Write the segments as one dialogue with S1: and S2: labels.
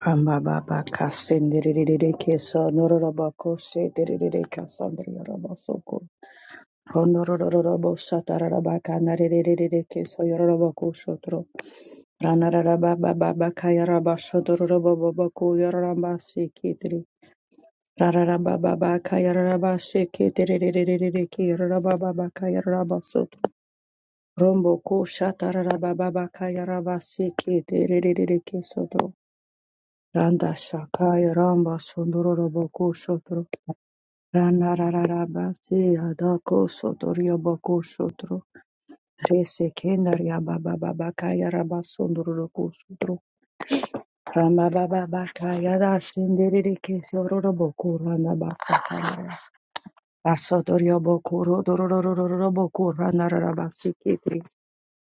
S1: Amababa kasenderere keso nororobo kose derere kasandriorobo soko honororobo satararaba kanarere keso yororobo kosotro ranararaba baba kayaraba sodororobo bobo kuyororaba sikitri rararaba baba kayaraba sikitirere kiroraba baba kayaraba sotro rombo kushatararaba baba kayaraba sikitirere kesotro Randa Shakaya Ramba Sundoro Boko Sotro Rana Rararaba Se Adako Sotorio Boko Sotro Rese Kendaria Baba Baba Kaya Raba Sundoro Boko Sotro Rama Baba Bakaya Rashindiri Kesoro Boko Rana Basakaya Asotorio Boko Rodoro Boko Rana Raraba Sikitri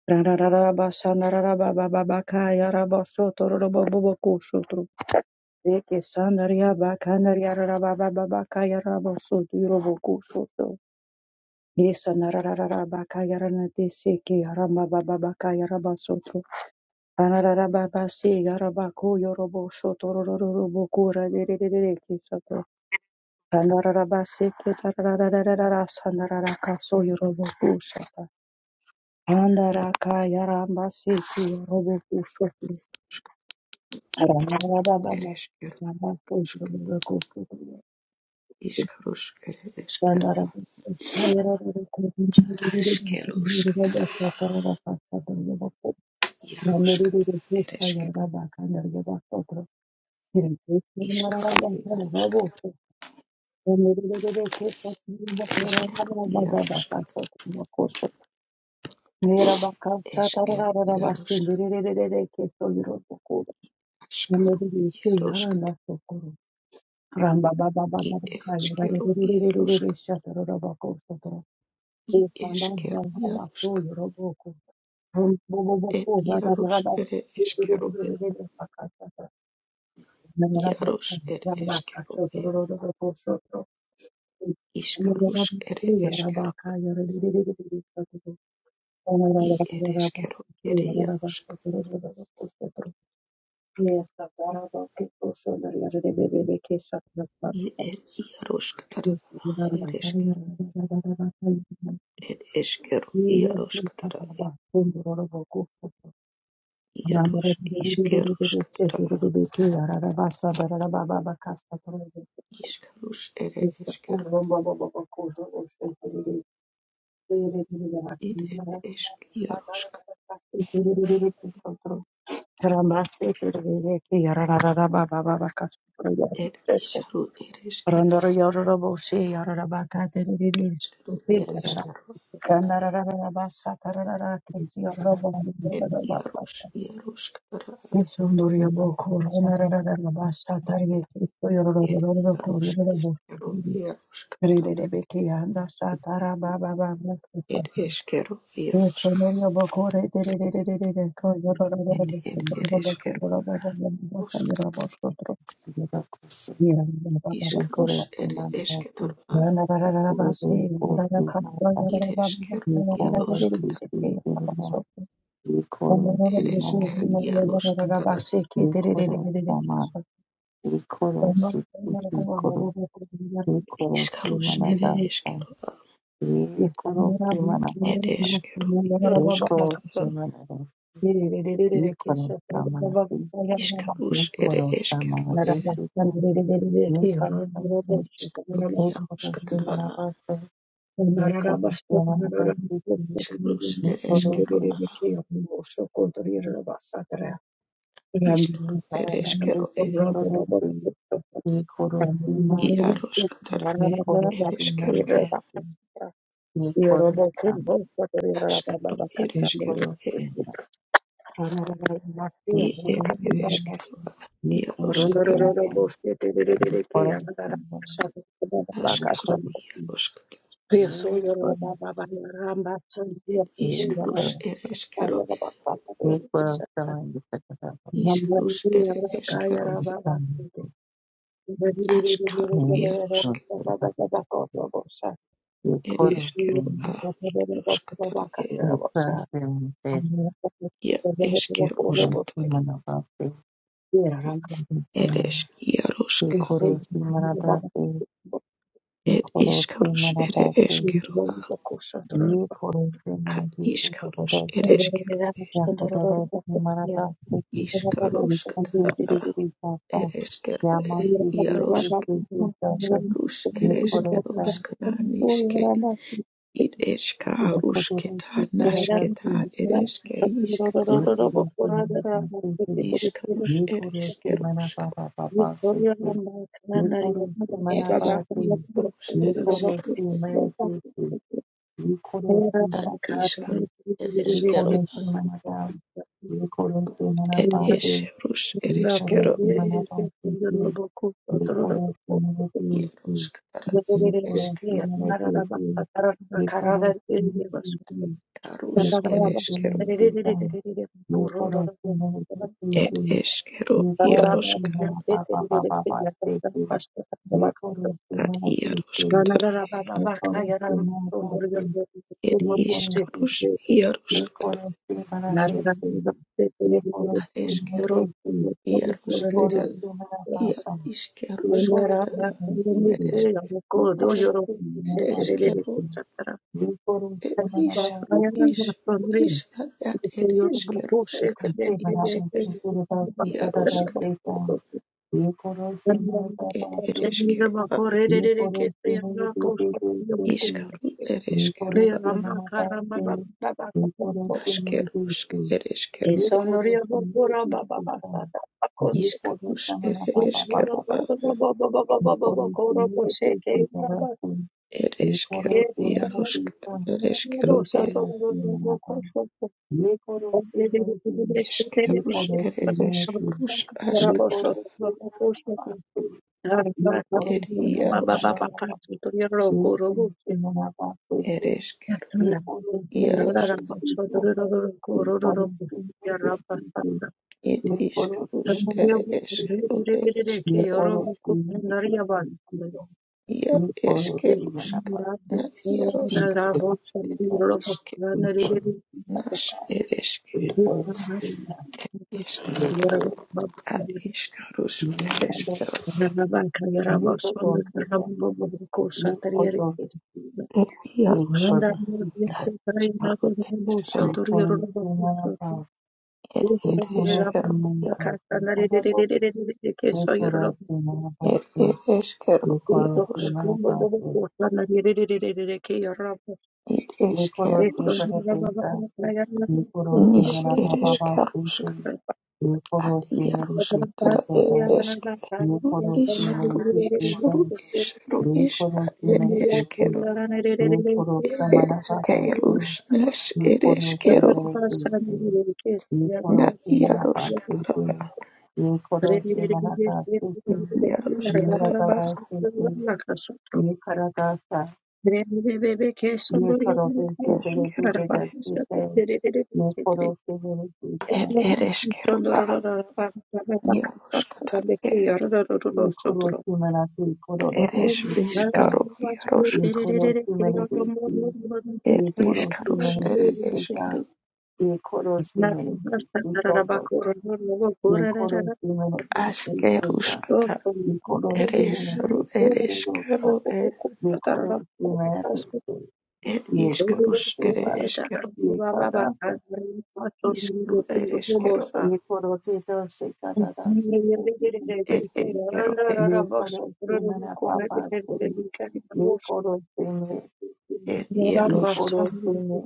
S1: Rana Raraba Shana Raraba Baba Bakaya Raba Sotoro Boko Sotro Deke sandaria bakandaria rarababa babakaya raboso durovokusoto. Yesanararara bakayarana deseke arambaba babakaya rabasoto. Anararababa se garabako yoroboso torororobokura derereke soto. Anararaba seke tararararara sandararaka so yorobokusata. Andaraka yaramba seke yorobokusoto. Anararababa babakaya
S2: Ereskeros,
S1: raboso yorobokusoto.
S2: Iskaros, Ereskero, Askeros, Katara, Iaros, Katara, Eresker, Iskaro, Iaros, Katara, Iaros, Esker, Iaros, Askaro, Iaros, Katara,
S1: Ramba baba baba
S2: I
S1: baka yara re
S2: Ereskero,
S1: re re re re re
S2: Iaros,
S1: re re shatarora bako
S2: I
S1: Yes,
S2: Eskero, Iaros, E Iaros, Ere Eskero, E Iaros, Ere Eskero, E Iskaros, Ere Eskero, I Ereskero, Ere Iaros, I Er Iaros, Katara, eres Ed eskero iaroskatara ed
S1: Rambas
S2: iaros iskeroskatara iskarus ere eskero id ed esk iarosk ed isharu ed eskero eskero ed
S3: Thank
S2: eskero ed iaros iaroskatara
S1: Yisumbuye bokora nararara bashatariye kitu
S2: ed
S1: yororororo
S2: iaros
S1: kororero
S2: eskero
S1: bokiri
S2: iaroskatara
S1: rerere beke yanda shatara baba baba
S2: ed eskero iaros
S1: yisumbuye bokore dererere ko yororororo
S2: ed ed ed
S1: bokiro bokiro
S2: eskero
S1: baba baba
S2: iarosk
S1: yira boshotro yira baba baba
S2: iskarus ere esketoro
S1: nararara basi nararara kasto
S2: id
S1: nararara baba
S2: eskero
S1: nararara dererere
S2: iaroskatara
S1: chipi baba shotro nararara
S2: ed
S1: bokiro nararara
S2: eskero
S1: basi ki dererere Yes,
S2: Iskarus ere eskero a, ere eskero iarus katara a, iskarus ere eskero e, iskaro iarus katara a,
S3: you. Nikamushora abasiki
S2: iskarus ere eskero
S3: nikorosi
S2: a, iskaro ere eskero
S3: nikararasiki
S2: e,
S3: badorosi
S1: Baba
S3: nikorosi mata
S2: iarus katara ere
S3: nikorosi
S2: eskero e,
S3: mandasi nikorosam
S2: askaro ere eskero e,
S3: nikorosi nikorosi
S2: i ere
S3: nikorosi
S2: ere eskero a, iarus
S3: nikorosi nikorosi nikorosi
S2: katara,
S3: nikorosi nikorosam
S2: askaro
S3: nikorosi nikorosam
S2: iarus katara,
S3: nikorosi nikorosi nikorosi
S2: et iskarus ere eskero e, iskarus ere eskero e, askaro iarus It
S1: Thank
S2: is Keru A. Yaruskatara. It is
S3: Yekoro
S2: Keruskatara.
S3: Simanabate, Yekoro
S2: It is
S3: Siman-
S2: Yaruska.
S3: Yekoro Simanabate,
S2: It
S3: Yekoro
S2: is Karus. It
S3: Simanabate,
S2: is Keru A.
S3: Yekoro
S2: At Iskarus. It
S3: Simanabate,
S2: is Keru.
S3: Yakoro Simanabate, Yekoro
S2: Iskaruskatara A. It
S3: Simanabate,
S2: is Keru
S3: Yama
S2: E. Yarusk.
S3: Simanabate,
S2: Iskarus. It is
S3: Yekoro Sa-
S2: Keruskataniske. It is
S3: Yekoro
S2: Karusketa Nasketa.
S3: Simanabate,
S2: It is Keiskataru.
S3: Yekoro Simanabate,
S2: Iskarus. It
S3: Yekoro
S2: is
S1: you.
S2: Keruskatara.
S1: Thank
S3: Simanabate, You couldn't see
S2: It is
S3: Manapati.
S2: Karus.
S3: You
S2: It is
S3: couldn't see
S2: Keru.
S3: Manapati. You couldn't see
S2: ad
S3: Manapati.
S2: iskru ed
S3: You
S2: eskero
S3: couldn't
S2: ad
S3: see Manapati. You couldn't see
S2: Ed ish
S3: Manapati.
S2: rus ed
S3: You couldn't
S2: iskero.
S3: see Manapati. You couldn't see Manapati.
S2: ieros kara
S3: You
S2: ed
S3: couldn't see Manapati. You couldn't see
S2: eskero
S3: Manapati. You couldn't see Manapati. You couldn't see Manapati.
S2: karus ed
S3: You couldn't see Manapati.
S2: eskero ad Ed iskero iaroska.
S3: You
S1: you.
S3: couldn't
S2: Ad
S3: see Manapati.
S2: iaroska
S1: Thank
S2: tara.
S3: Thank
S2: Ed iskrus
S1: you.
S2: iaroska tara. ad eskero ieros ketel ia iskerus kara ed eskeros ed eskero ed isru isru is ad ad ed eskerus kara isker Ed ereshkigal
S3: you.
S2: ishkaru
S1: Deya
S2: ereshkigal
S3: Nikorosi
S1: ramba karamba
S3: manabasi,
S1: ramba baba baba.
S3: nikorosi
S2: ashkerush
S3: murudusi,
S2: ereshkigal
S1: Esonoriya
S3: nikorosi
S1: bora baba
S3: murudusi
S1: baba
S3: san,
S1: baba baba koto.
S2: ishkarush
S3: nikorosi
S1: Esonoriya baba,
S2: ereshkigal
S3: manabababababasi,
S1: baba baba baba baba baba
S3: nikorosi
S1: kora kose ke
S3: murudusi
S1: baba.
S3: darasi,
S2: ereshkigal
S1: Yes,
S3: nikorosi
S1: baba,
S3: murudusi
S2: yaroshkat
S3: san,
S1: baba, baba
S2: ereshkigal
S1: sato baba
S3: nikorosi
S1: baba
S3: manaba,
S1: koso.
S3: nikorosi
S1: Obrede bide bide
S3: murudusi,
S1: shte
S2: ishkarush
S3: nikorosi
S1: baba, baba,
S3: murudusi,
S2: ereshkirush
S1: Kora boso
S2: ashkatara
S3: nikorosi manababasi, nikorosi manababababasi, nikorosi
S1: baba koso.
S3: manabasi,
S1: Baba baba
S2: ed
S1: baba,
S2: yaroshk
S1: baba, kato. Toriya
S2: ereshkigal
S1: Yatanda
S3: nikorosi
S1: yarara
S2: yaroshk
S3: murudusi san.
S1: bashodoro roro
S3: Thank
S1: kororo robo yaraba sata
S2: ed ishkarush
S1: tambiya bu
S2: ereshkigal
S1: bire bire reke
S2: ereshkigal
S1: yoro bu kundari yabasında
S2: yar eshkirush na
S1: yarara
S2: yaroshkata
S1: rabo şatı yoro bu
S2: ishk
S1: yanları rere
S2: nash ereshkigal
S1: yatanda yarara babu
S2: ad iscarus ed escero
S1: yarara banka yaraba sonda yaraba bu bu koşatır yere
S2: ed iarus
S1: Nanda yarara bir şey karayına
S2: scaru ed
S1: bu
S2: escero
S1: şatır yoro bu
S2: ed
S1: Thank
S2: ed escero iaro ed ed escero iarus
S3: you.
S2: ed
S3: Ekorosi
S2: escerus
S3: paratesa, ekorosi
S2: nis
S3: naraba
S2: ed
S3: baba
S2: escerus
S3: sese,
S1: you.
S2: ad
S3: ekorosi
S2: iarus
S3: nerete
S2: tada
S3: sese
S2: ed
S3: da,
S2: esceru
S3: ekorosi
S2: iscaru
S3: nerete sese,
S2: iscaru iscaru is ad
S3: ekorosi
S2: ed
S3: nerete se,
S2: escero
S3: ekorosi mana baba se,
S2: escerus nes ed
S3: ekorosi
S2: escero
S3: nerete se,
S2: na
S3: ekorosi
S2: iarus
S3: naraba
S2: tada
S3: sese,
S1: Thank
S3: ekorosi mana
S1: you.
S3: baba sese,
S2: iarus tada
S3: nerata baba sese, ekarata Ye karo de se bere de de de se te me koro se bere se ta
S2: Ed ereshkigal a yaroshkatar e
S3: ye koro se mena se koro do do
S2: eresh
S3: se se ta
S2: ishkaro yarosh
S3: ye koro se mene de se
S2: ed
S3: ye koro se
S2: ishkarush
S3: mene
S2: ere
S3: de se
S2: eshkero
S3: ta ye koro se mene de se do do do ye koro se mene de se se ta
S2: ashkerushkata
S1: Thank
S3: ye koro se mene
S2: ereshru
S3: de se do do
S2: ereshkero
S3: ta
S2: ed
S3: ye koro se mene de se
S2: ed
S3: ye koro
S2: ishkarush
S3: se
S2: ere
S3: ba
S2: eshkero
S3: ye
S2: ishkru ereshkero a
S3: ये करो के तो से का दादा से को भी से
S2: ed
S3: को
S2: eshkero e
S3: ये करो से मेरा पापा से ये करो से मैं
S2: ed
S3: ये
S2: yaroshk
S3: करो से मेरे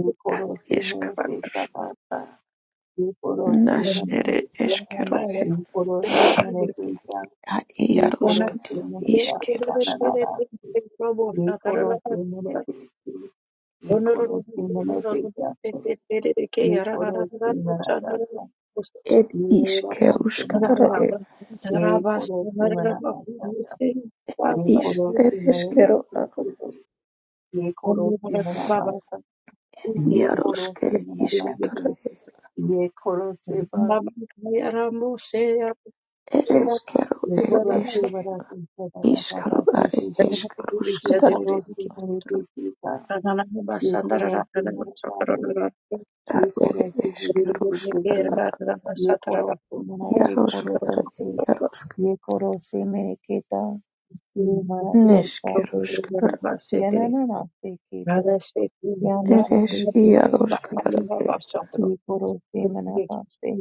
S3: ये करो से
S2: ishk
S3: मेरे से का दादा ये करो से
S2: nash
S3: मेरे
S2: ere
S3: ये
S2: eshkero e
S3: करो से मेरे से का
S2: ad
S3: ये करो
S2: yaroshkata
S3: से मेरे का
S2: ishkerush
S3: दादा ना दादा ये करो से मेरे से ये
S1: Thank
S3: करो से मैंने से ये करो से मेरा दादा
S2: ed
S3: ये रखो
S2: ishkerushkatara
S3: से
S2: e
S3: Ye koro se
S2: ish ereshkero Yaroshke ishkatara ed
S1: you.
S2: eskero ed eske ishkaru are eskarushkatara ad ere eskarushkatara
S1: Brahma
S2: yaroshkatara yaroshk
S3: mere kita, ye mara posta pe,
S2: neshkerushkatara
S3: ye na na na se kito. या
S2: ed
S3: हमारा
S2: es
S3: देश के लोगों से कि
S2: yaroshkatara
S3: ये करो से मना पाते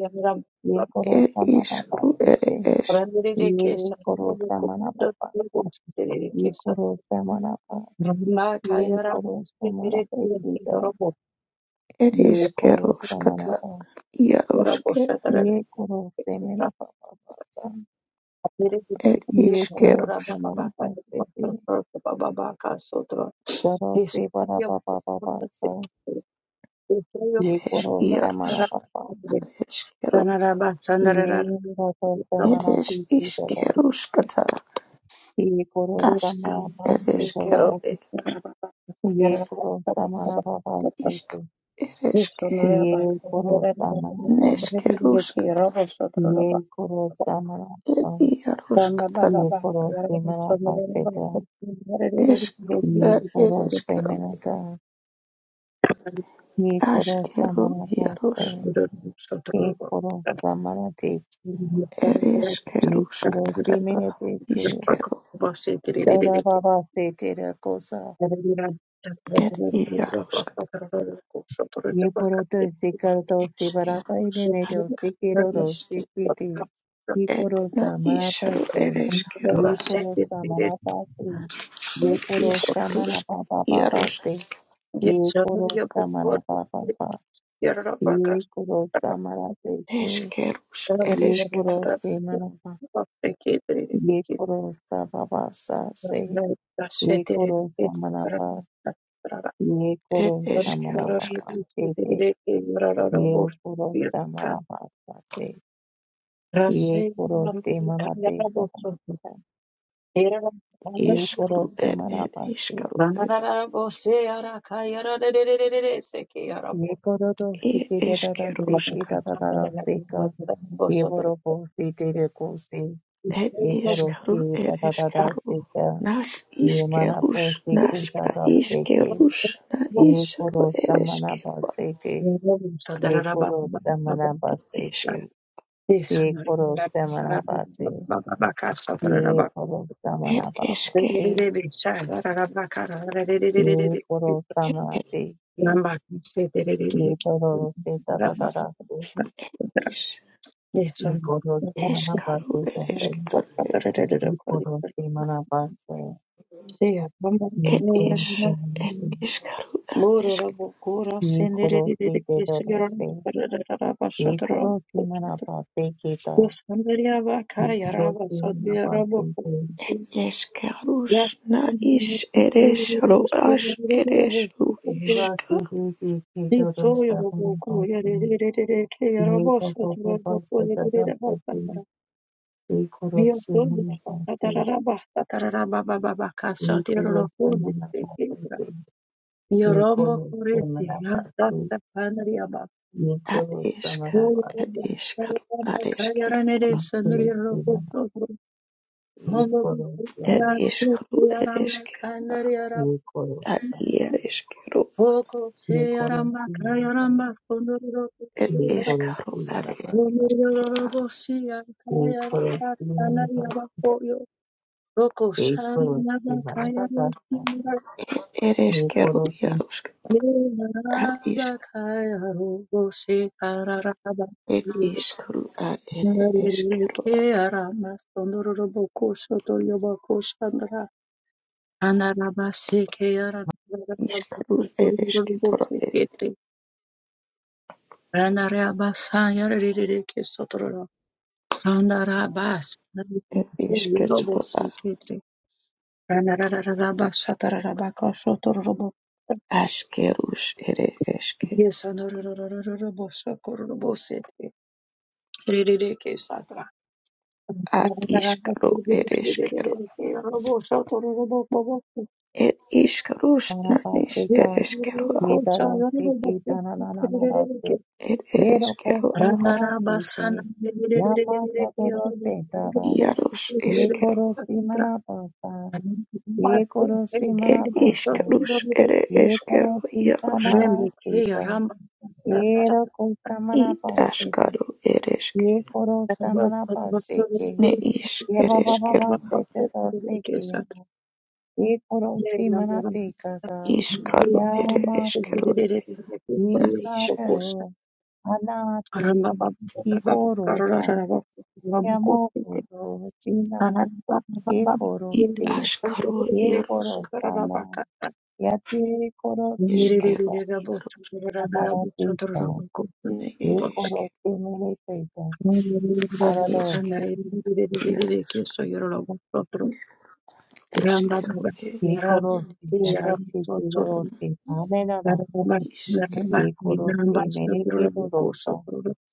S3: ये करो
S2: ed
S3: सा मना
S2: ishru
S3: पाते
S2: ere
S3: थे
S2: es
S3: ये करो सा मना पापा से ये करो सा मना पा ये करो सा मना पैसे का
S2: ed
S3: ये करो सा मना
S2: eskerushkatara
S3: पा
S2: yaroshke
S3: ये करो से मेरा पापा पासा
S2: ed
S3: ये करो
S2: ishkerushk
S3: से मना पाते थे करो से बड़ा पापा पापा सा
S1: Thank
S3: ये
S2: ed es
S3: करो से
S2: yarosh
S3: मना पापा
S2: eskero
S3: ये करो से
S2: ed
S1: you.
S3: मना
S2: es
S3: दीजिए
S2: ishkerushkatara
S3: Ye koro
S2: Ashka
S3: samara bhakti doro.
S2: ereshkero e
S3: Ye koro samara bhakti
S2: ishka
S3: doro.
S2: ereshke
S3: Ye koro samara bhakti.
S2: neshkerushkata
S3: Ye koro samara
S2: ed
S3: bhakti.
S2: iarushkatar
S3: Ye koro samara bhakti doro.
S2: eshkru
S3: Ye
S2: ed
S3: koro
S2: ereshkero
S3: samara doro. Ye koro
S2: ashkero
S3: samara
S2: iarush
S3: bhakti. Ye koro samara dekhi. Ye koro
S2: ereshkerushkatara
S3: samara dekhi.
S2: ishkero
S3: Dara baba se tera
S2: ed iarushkata
S3: Ye poroto sikato sibarapa
S2: eshkerush
S3: irenedo
S2: ashka
S3: sikiroro
S2: ishke
S3: sikiti. Ye
S2: ed na
S3: korosa
S2: ishru
S3: marapate.
S2: ereshkero
S3: Ye korosa marapate. Ye
S2: ed
S3: korosa
S2: ishkrush
S3: marapapapapase.
S2: iarushkata
S3: Ye korosa marapapapa. Ye korosa marapate.
S2: eshkerush
S3: Ye
S2: ereshketara
S3: korose marapa. Ye korosa babasa se. Ye korosa marapa. Ye
S2: ed
S3: korosa
S2: eshkerushkata
S3: marapapa. Ye korosa marapapa. Ye koro te marate koro.
S1: Yes,
S3: Ye koro
S2: Iskaru
S3: te
S2: er er
S3: marapase.
S2: iskaru er
S3: Ye koro to shike
S2: er
S3: da da da se ke
S2: iskeruska
S3: da da da da se ka. Ye boro po se te de ko se.
S2: er
S3: Ye koro
S2: iskaru
S3: se
S2: er
S3: da da da da
S2: iskaru
S3: se ka.
S2: nas
S3: Ye marapo
S2: iskerus
S3: se ke da
S2: naska
S3: da se ke.
S2: iskerus na
S3: Ye
S2: isru
S3: koro ta
S2: er iskerua
S3: marapase te. Ye koro ta marapase
S2: iska
S3: te. Ye koro ta marapase. Ye koro ta
S2: er iske
S3: marapase. Ye koro ta
S2: er
S3: marate. Eka dorose tata tara.
S2: is
S3: Ee korose mana
S2: iskaru
S3: paatu.
S1: Yes,
S2: er
S3: Ee
S2: isketaru
S3: korose mana paatu.
S2: er
S3: Ee
S2: is
S3: korose mana
S2: er
S3: paatu.
S2: iskaru er isk
S3: Ee korose mana paatu. Ee korose mana paatu. Ee korose mana paatu. Ee korose mana paatu.
S2: er iskerus na is er isru as er isru
S3: Ee korose
S2: iska
S3: mana
S1: Vio todo
S3: paatu.
S1: satararaba satararaba baba satararababa
S3: Ee
S1: kashatiroro kodi sekedra. Vio rombo
S3: korose
S1: kurete
S3: mana paatu.
S1: yasasta panariaba.
S3: Yekoro
S1: Vio
S3: samana basa.
S2: Ad
S1: rombo
S2: ishkaru,
S1: sarababa
S2: ad ishkaru,
S1: kayaranere
S3: Yekoro
S1: sandiriro
S3: samana.
S1: kutobro. Rombo
S3: Yekoro
S2: ad
S1: kutara
S3: samana.
S2: ishkaru,
S1: kute
S2: ad
S1: yaramba
S2: ishkaru,
S1: kandari yarabu.
S3: Yekoro
S2: ad
S3: samana.
S2: yerishkaru,
S1: Hoko se
S3: Yekoro
S1: yaramba
S3: samana basa.
S1: kayaramba kondoriro
S2: ad
S1: kute yaramba.
S3: Yekoro
S2: ishkaru,
S3: samana
S2: ad
S1: Rombo
S3: basa.
S1: robo siya
S3: Yekoro
S1: kayaramba
S3: samana basa.
S1: sanariaba koyo. Roko shani
S3: Yekoro
S1: yaba
S3: samana basa.
S1: kayaramba
S2: erishkaru,
S3: Yekoro
S2: yarushk,
S1: Yes,
S2: ad ishk,
S1: Yes,
S2: ad ishkaru, ad erishkaru, ad ishkaru, erishkaru, ad ishkaru, ad ashkarush, erishke,
S1: Ririririsata.
S2: ad ishkaru, erishkaru, ad ishkarush,
S3: samana
S2: nanish,
S3: basa.
S2: erishkaru,
S3: Yedara siki dana na na na na se.
S2: ad
S3: Yero ko
S2: erishkaru,
S3: se para se te. Yama toro se dara.
S2: yarush, ishkaru.
S3: Yekoro samana basa. Yekoro
S2: Ed
S3: samana basa.
S2: iscarus ere
S3: Ye
S2: eskero
S3: korosi ka
S2: iarosk.
S3: dala teka, eera korosama na
S2: Id
S3: pa teka.
S2: askaro ere
S3: Ye
S2: esker.
S3: korosama na pa seke,
S2: Ne is
S3: ye ba
S2: ere
S3: ba ba
S2: eskero.
S3: ba seke doss seke. Ye korosi
S1: Ramba
S3: mana teka da,
S2: Iskaro
S3: ya
S2: ere
S3: ma
S2: eskero
S3: korosi
S2: na
S3: ka
S2: isk.
S3: dho, ana te. Ki koroson ya mo korosina, ye
S2: Id
S3: korosi,
S2: askaro
S3: ye
S2: iarosk.
S3: korosama ya te korosima
S2: Eskero
S3: da,
S2: iarosk.
S3: amara teka.
S2: Ne
S3: ye
S2: ere
S3: koro
S2: esker.
S3: se mele peta arada
S2: Eskero iarosk. Isk eskero
S1: baba,
S2: ed.
S3: ye
S1: yaram,
S3: koro
S2: Ed
S3: se dara
S2: iskaro
S3: se
S1: yaram,
S3: dilo
S2: arana.
S3: se ame na rasta
S1: Hallelujah,
S2: Is ed
S3: ye koro se mele peta dosta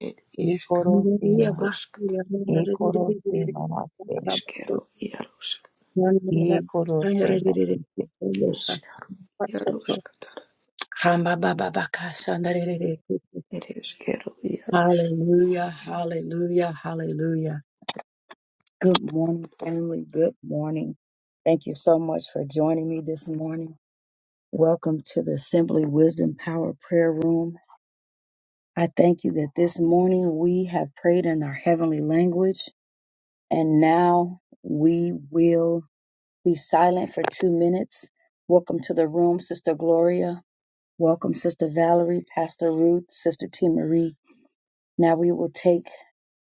S2: ed
S3: ye koro
S2: iskaro
S3: se ma
S2: iarosk.
S3: ye koro se mamaste
S2: Eskero iarosk.
S3: ye koro se mamaste
S2: Eskaro iarosk. It is Gedalios.
S1: hallelujah, hallelujah. Good morning, family. Good morning. Thank you so much for joining me this morning. Welcome to the Assembly Wisdom Power Prayer Room. I thank you that this morning we have prayed in our heavenly language, and now we will be silent for two minutes. Welcome to the room, Sister Gloria. Welcome, Sister Valerie, Pastor Ruth, Sister T. Marie. Now we will take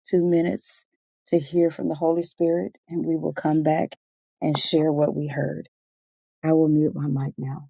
S1: two minutes to hear from the Holy Spirit, and we will come back and share what we heard. I will mute my mic now.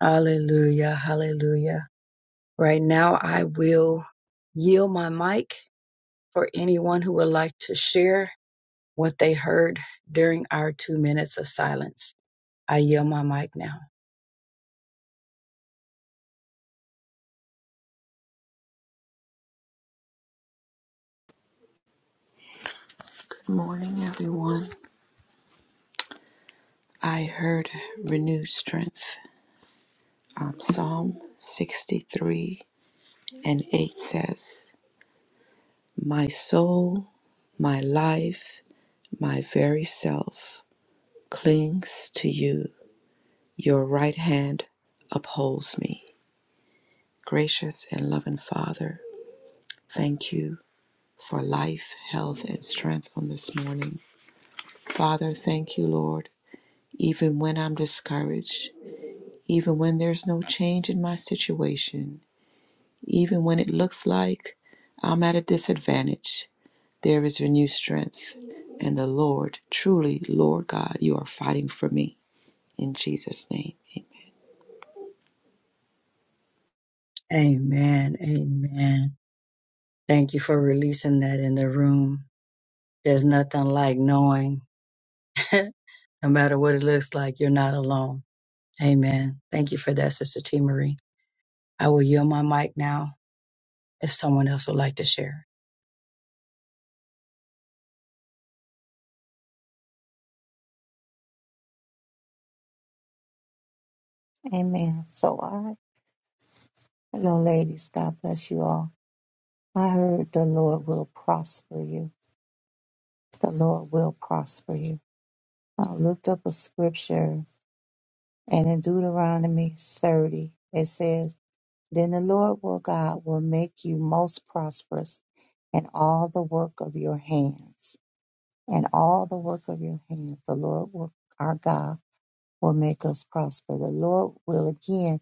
S1: Hallelujah, hallelujah. Right now, I will yield my mic for anyone who would like to share what they heard during our two minutes of silence. I yield my mic now.
S2: Good morning, everyone. I heard renewed strength. Um, Psalm 63 and 8 says, My soul, my life, my very self clings to you. Your right hand upholds me. Gracious and loving Father, thank you for life, health, and strength on this morning. Father, thank you, Lord, even when I'm discouraged. even when there's no change in my situation, even when it looks like I'm at a disadvantage, there is renewed strength. And the Lord, truly, Lord God, you are fighting for me. In Jesus' name,
S1: Amen. Amen. Thank you for releasing that in the room. There's nothing like knowing, no matter what it looks like, you're not alone. Amen. Thank you for that, Sister T. Marie. I will yield my mic now if someone else would like to share.
S3: amen so i hello ladies god bless you all i heard the lord will prosper you the lord will prosper you i looked up a scripture and in deuteronomy 30 it says Then the Lord will God will make you most prosperous in all the work of your hands. And all the work of your hands, the Lord will, our God will make us prosper. The Lord will again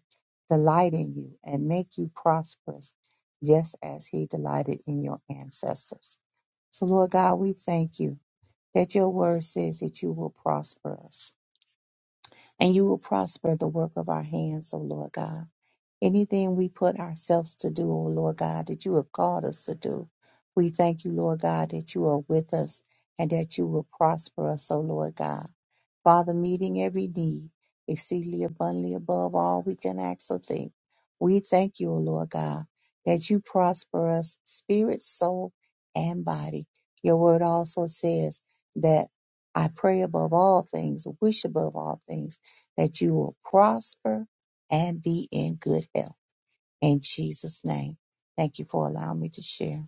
S3: delight in you and make you prosperous, just as he delighted in your ancestors. So, Lord God, we thank you that your word says that you will prosper us and you will prosper the work of our hands, O Lord God. Anything we put ourselves to do, O Lord God, that you have called us to do. We thank you, Lord God, that you are with us and that you will prosper us, O Lord God. Father, meeting every need, exceedingly abundantly above all we can ask or think. We thank you, O Lord God, that you prosper us, spirit, soul, and body. Your word also says that I pray above all things, wish above all things, that you will prosper and be in good health. In Jesus' name. Thank you for allowing me to share.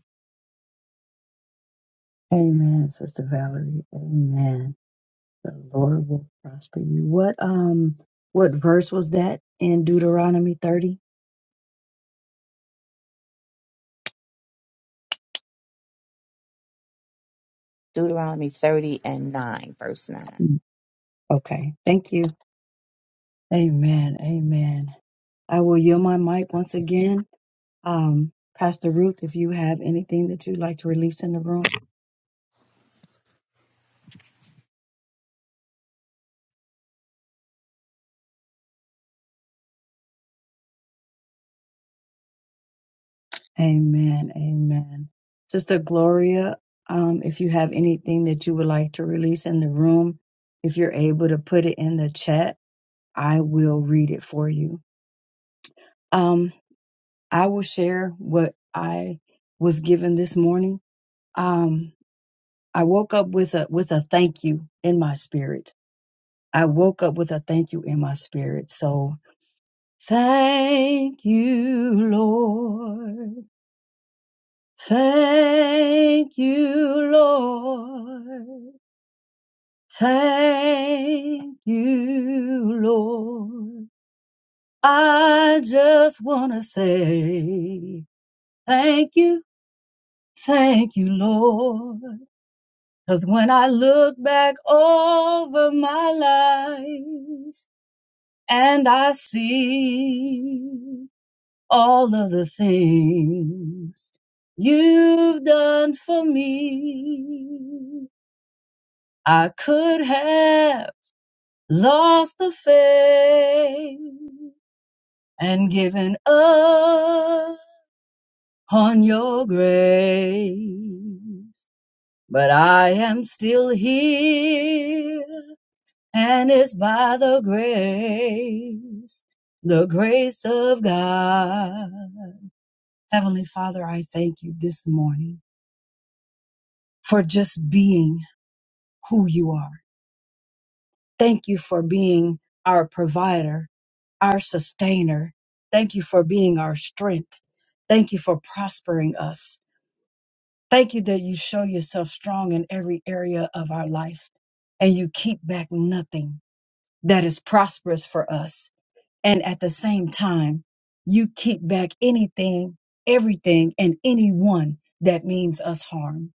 S1: Amen, Sister Valerie. Amen. The Lord will prosper you. What um what verse was that in Deuteronomy 30?
S3: Deuteronomy 30 and 9, verse 9.
S1: Mm, Okay. Thank you. Amen. Amen. I will yield my mic once again. Um Pastor Ruth, if you have anything that you'd like to release in the room. Amen. Amen. Sister Gloria, um if you have anything that you would like to release in the room, if you're able to put it in the chat, I will read it for you. Um, I will share what I was given this morning. Um, I woke up with a with a thank you in my spirit. I woke up with a thank you in my spirit. So thank you, Lord. Thank you, Lord. Thank you, Lord. I just want to say thank you, thank you, Lord. Cause when I look back over my life and I see all of the things you've done for me, I could have lost the faith and given up on your grace. But I am still here and it's by the grace, the grace of God. Heavenly Father, I thank you this morning for just being who you are. Thank you for being our provider, our sustainer. Thank you for being our strength. Thank you for prospering us. Thank you that you show yourself strong in every area of our life and you keep back nothing that is prosperous for us And at the same time, you kick back anything, everything, and anyone that means us harm.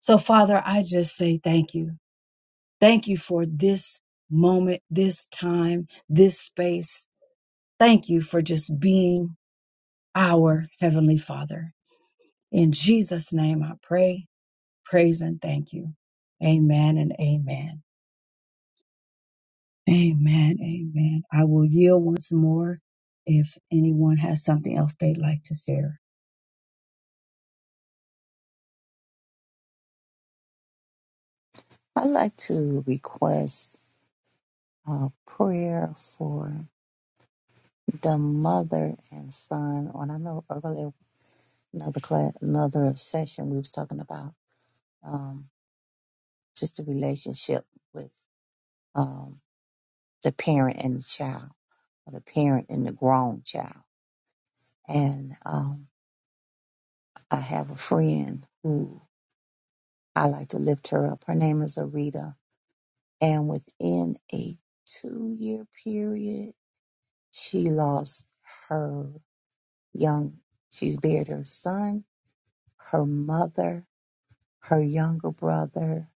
S1: So, Father, I just say thank you. Thank you for this moment, this time, this space. Thank you for just being our Heavenly Father. In Jesus' name, I pray, praise, and thank you. Amen and amen. Amen. Amen. I will yield once more if anyone has something else they'd like to share.
S3: I'd like to request a prayer for the mother and son. On I know earlier another class, another session we was talking about um, just the relationship with um, the parent and the child, or the parent and the grown child. And um, I have a friend who I like to lift her up. Her name is Arita And within a two year period, she lost her young, she's buried her son, her mother, her younger brother,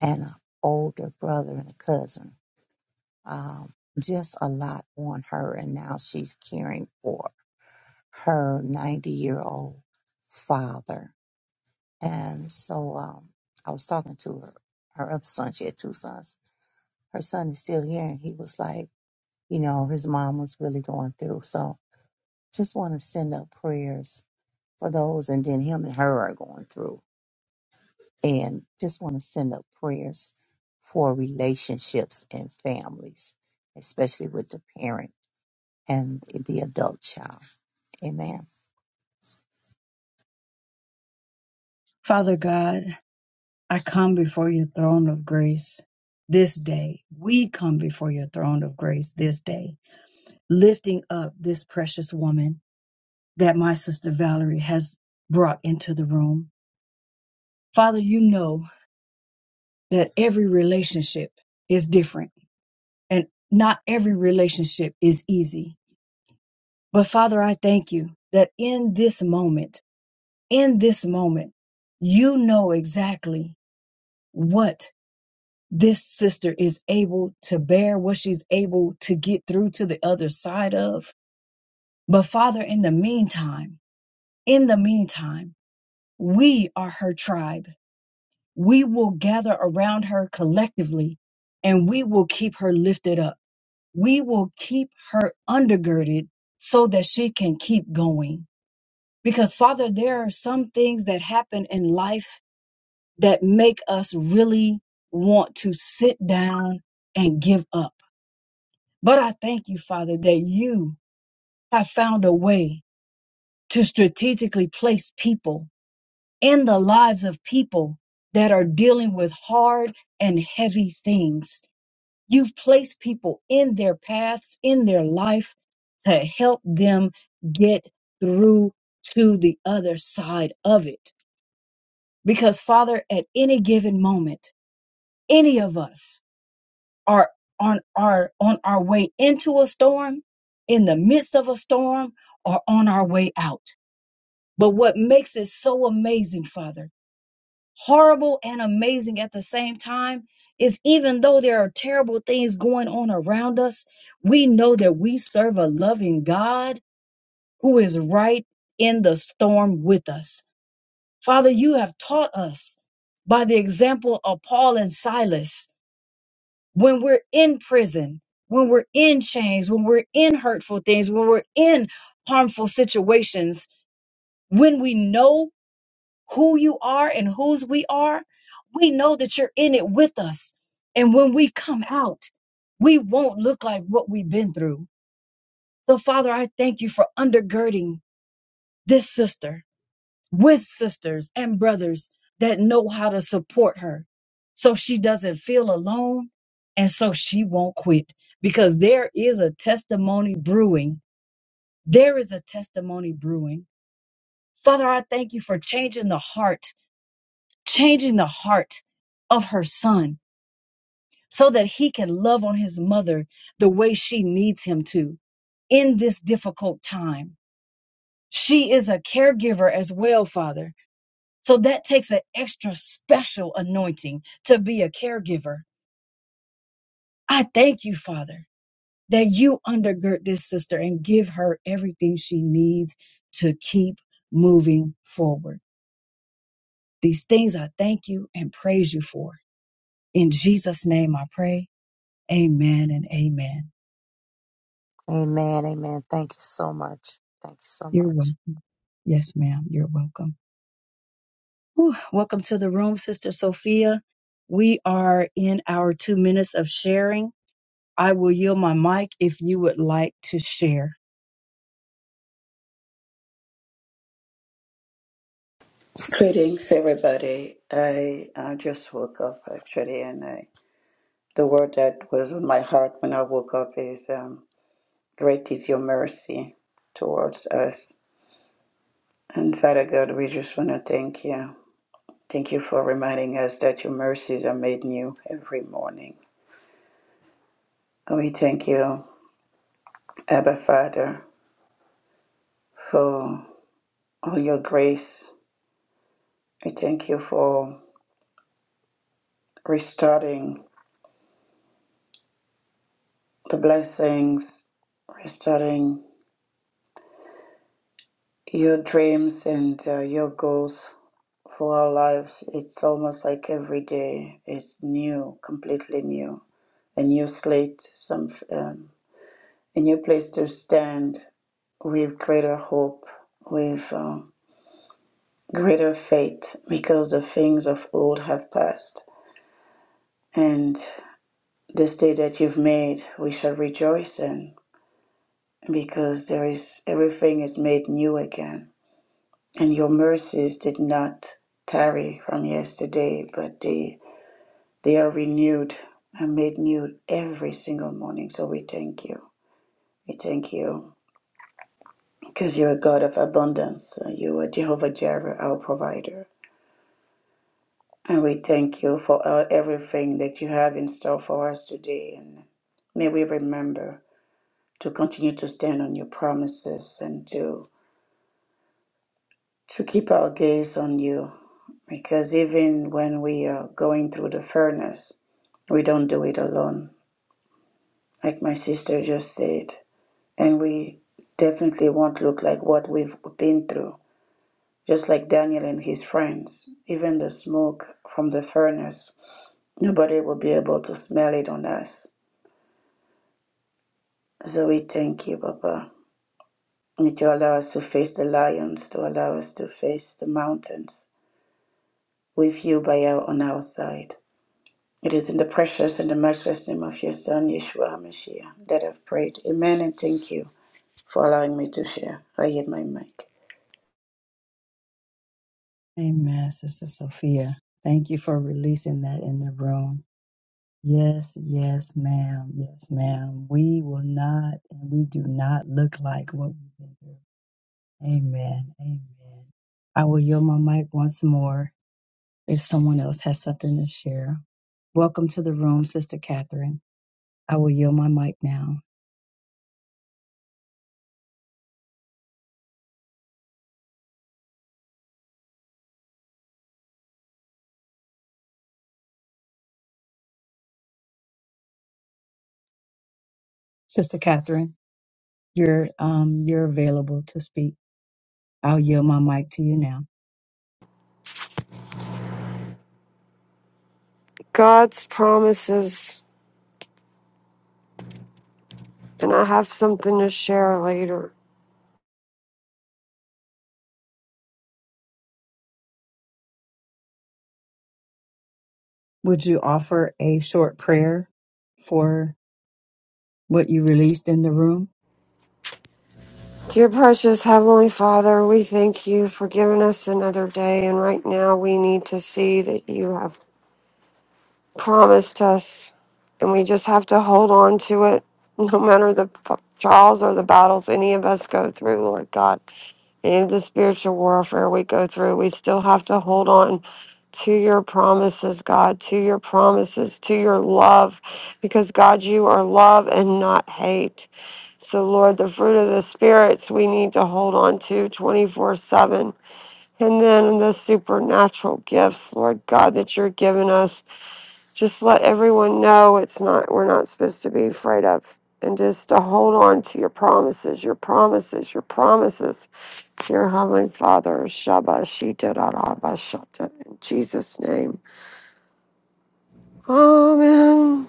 S3: and an older brother and a cousin. Um, just a lot on her. And now she's caring for her 90 year old father. And so, um, I was talking to her, her other son. She had two sons. Her son is still here. And he was like, you know, his mom was really going through. So just want to send up prayers for those. And then him and her are going through. And just want to send up prayers for relationships and families, especially with the parent and the adult child. Amen.
S1: Father God, I come before your throne of grace this day. We come before your throne of grace this day, lifting up this precious woman that my sister Valerie has brought into the room. Father, you know that every relationship is different and not every relationship is easy. But Father, I thank you that in this moment, in this moment, you know exactly what this sister is able to bear what she's able to get through to the other side of. But Father, in the meantime, in the meantime, we are her tribe. We will gather around her collectively and we will keep her lifted up. We will keep her undergirded so that she can keep going. Because Father, there are some things that happen in life that make us really want to sit down and give up But I thank you, Father, that you have found a way to strategically place people in the lives of people that are dealing with hard and heavy things. You've placed people in their paths, in their life to help them get through to the other side of it. Because, Father, at any given moment, any of us, are on our on our way into a storm, in the midst of a storm, or on our way out. But what makes it so amazing, Father, horrible and amazing at the same time, is even though there are terrible things going on around us, we know that we serve a loving God who is right in the storm with us. Father, you have taught us by the example of Paul and Silas when we're in prison, when we're in chains, when we're in hurtful things, when we're in harmful situations, when we know who you are and whose we are, we know that you're in it with us. And when we come out, we won't look like what we've been through. So, Father, I thank you for undergirding this sister with sisters and brothers that know how to support her so she doesn't feel alone and so she won't quit because there is a testimony brewing. There is a testimony brewing. Father, I thank you for changing the heart, changing the heart of her son so that he can love on his mother the way she needs him to in this difficult time. She is a caregiver as well, Father So that takes an extra special anointing to be a caregiver. I thank you, Father, that you undergird this sister and give her everything she needs to keep moving forward. These things I thank you and praise you for. In Jesus' name I pray. Amen and amen.
S3: Amen. Amen. Thank you so much. Thank you so
S1: You're
S3: much.
S1: welcome. Yes, ma'am. You're welcome. Whew. Welcome to the room, Sister Sophia. We are in our two minutes of sharing. I will yield my mic if you would like to share.
S4: Greetings, everybody. I I just woke up actually, and I, the word that was on my heart when I woke up is um, "Great is your mercy towards us." And Father God, we just want to thank you. Thank you for reminding us that your mercies are made new every morning. We thank you, Abba Father, for all your grace. We thank you for restarting the blessings, restarting your dreams and uh, your goals for our lives it's almost like every day is new completely new a new slate some um, a new place to stand with greater hope with um, greater faith because the things of old have passed and this day that you've made we shall rejoice in because there is everything is made new again And your mercies did not tarry from yesterday, but they they are renewed and made new every single morning. So we thank you. We thank you because you're a God of abundance. You are Jehovah Jireh, our provider. And we thank you for uh, everything that you have in store for us today. And may we remember to continue to stand on your promises and to, to keep our gaze on you. Because even when we are going through the furnace, We don't do it alone, like my sister just said. And we definitely won't look like what we've been through, just like Daniel and his friends. Even the smoke from the furnace, nobody will be able to smell it on us. So we thank you, Papa, that you allow us to face the lions, to allow us to face the mountains with you by our, on our side. It is in the precious and the matchless name of your Son, Yeshua HaMashiach, that I've prayed. Amen and thank you. for allowing me to share. I hit my mic.
S1: Amen, Sister Sophia. Thank you for releasing that in the room. Yes, yes, ma'am. Yes, ma'am. We will not and we do not look like what we've been through. Amen. Amen. I will yield my mic once more if someone else has something to share. Welcome to the room, Sister Catherine. I will yield my mic now. Sister Catherine, you're um you're available to speak. I'll yield my mic to you now.
S5: God's promises, and I have something to share later.
S1: Would you offer a short prayer for what you released in the room?
S5: Dear precious Heavenly Father, we thank you for giving us another day, and right now we need to see that you have promised us, and we just have to hold on to it no matter the p- trials or the battles any of us go through, Lord God. Any of the spiritual warfare we go through, we still have to hold on to your promises, God, to your promises, to your love, because God, you are love and not hate. So, Lord, the fruit of the spirits we need to hold on to 24 7. And then the supernatural gifts, Lord God, that you're giving us just let everyone know it's not we're not supposed to be afraid of and just to hold on to your promises your promises your promises to your heavenly father Shabbat Shita in jesus name amen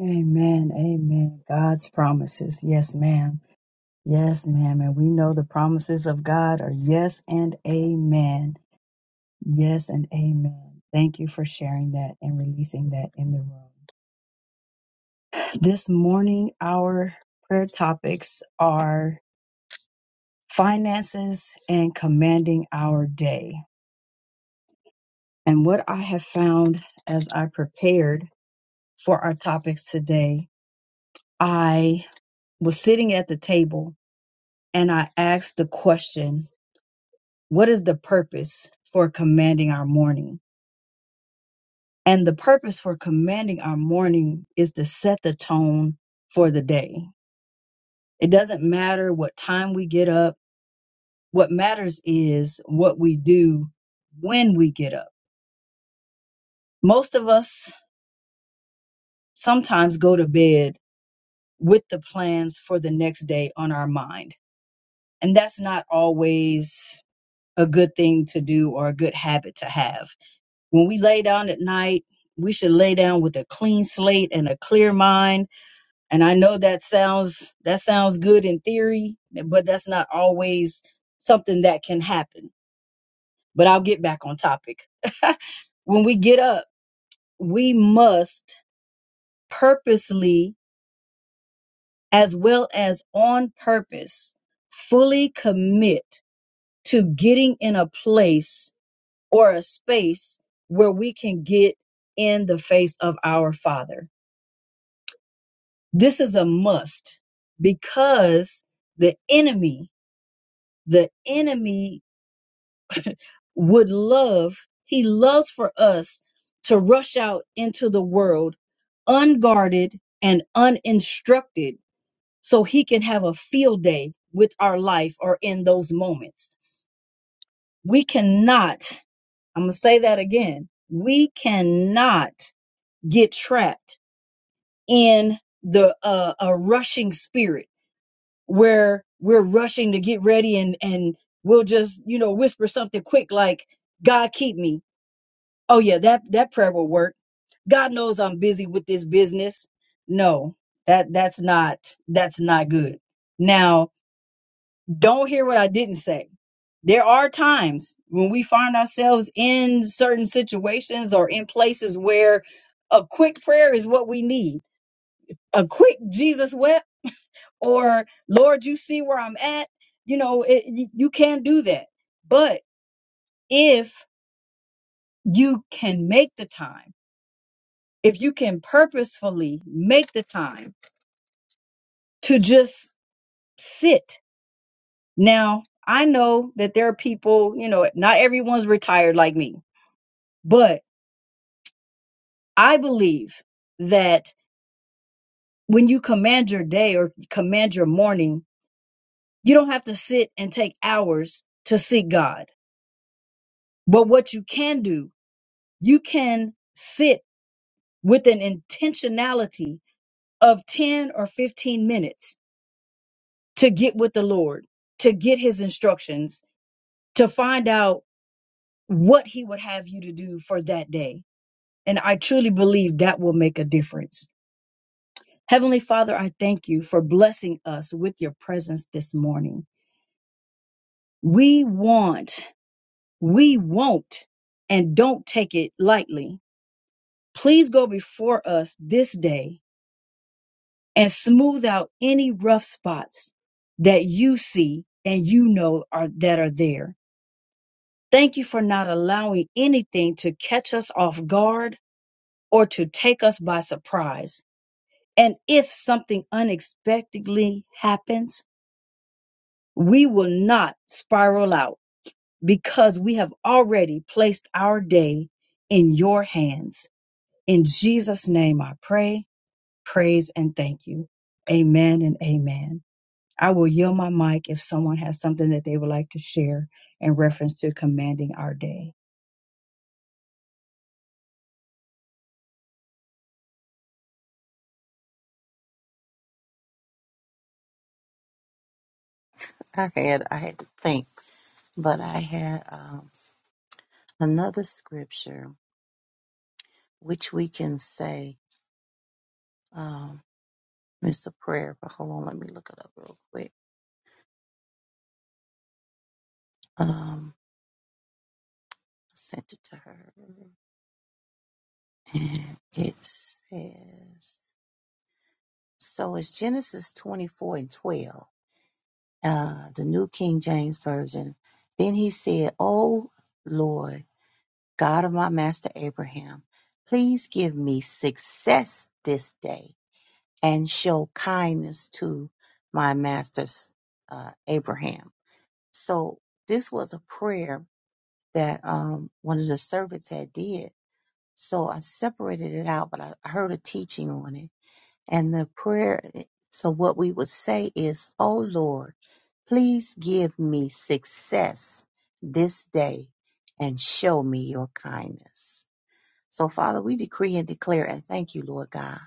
S1: Amen. Amen. God's promises. Yes, ma'am. Yes, ma'am. And we know the promises of God are yes and amen. Yes and amen. Thank you for sharing that and releasing that in the room. This morning, our prayer topics are finances and commanding our day. And what I have found as I prepared for our topics today. I was sitting at the table and I asked the question, What is the purpose for commanding our morning? And the purpose for commanding our morning is to set the tone for the day. It doesn't matter what time we get up. What matters is what we do when we get up. Most of us sometimes go to bed with the plans for the next day on our mind. And that's not always a good thing to do or a good habit to have. When we lay down at night, we should lay down with a clean slate and a clear mind. And I know that sounds that sounds good in theory, but that's not always something that can happen. But I'll get back on topic. when we get up, we must purposely as well as on purpose fully commit to getting in a place or a space where we can get in the face of our Father. This is a must because the enemy, the enemy would love, he loves for us to rush out into the world unguarded and uninstructed so he can have a field day with our life or in those moments. We cannot, I'm going to say that again. We cannot get trapped in the uh, a rushing spirit where we're rushing to get ready and and we'll just you know whisper something quick like god keep me oh yeah that that prayer will work god knows i'm busy with this business no that that's not that's not good now don't hear what i didn't say there are times when we find ourselves in certain situations or in places where a quick prayer is what we need a quick jesus or Lord, you see where I'm at. You know, it, y- you can't do that. But if you can make the time, if you can purposefully make the time to just sit. Now, I know that there are people, you know, not everyone's retired like me, but I believe that when you command your day or command your morning, you don't have to sit and take hours to seek God. But what you can do, you can sit with an intentionality of 10 or 15 minutes to get with the Lord, to get his instructions, to find out what he would have you to do for that day. And I truly believe that will make a difference. Heavenly Father, I thank you for blessing us with your presence this morning. We want, we won't, and don't take it lightly. Please go before us this day and smooth out any rough spots that you see and you know are that are there. Thank you for not allowing anything to catch us off guard or to take us by surprise. And if something unexpectedly happens, we will not spiral out because we have already placed our day in your hands. In Jesus' name I pray, praise, and thank you. Amen and amen. I will yield my mic if someone has something that they would like to share in reference to commanding our day.
S3: I had I had to think, but I had um, another scripture which we can say. um, It's a prayer, but hold on, let me look it up real quick. Um, I sent it to her, and it says, "So it's Genesis twenty-four and twelve, uh, the New King James Version." Then he said, "O Lord, God of my master Abraham, please give me success this day, and show kindness to my master uh, Abraham." So this was a prayer that um, one of the servants had did. So I separated it out, but I I heard a teaching on it. And the prayer, eh, so what we would say is, Oh Lord, please give me success this day and show me your kindness. So Father, we decree and declare and thank you, Lord God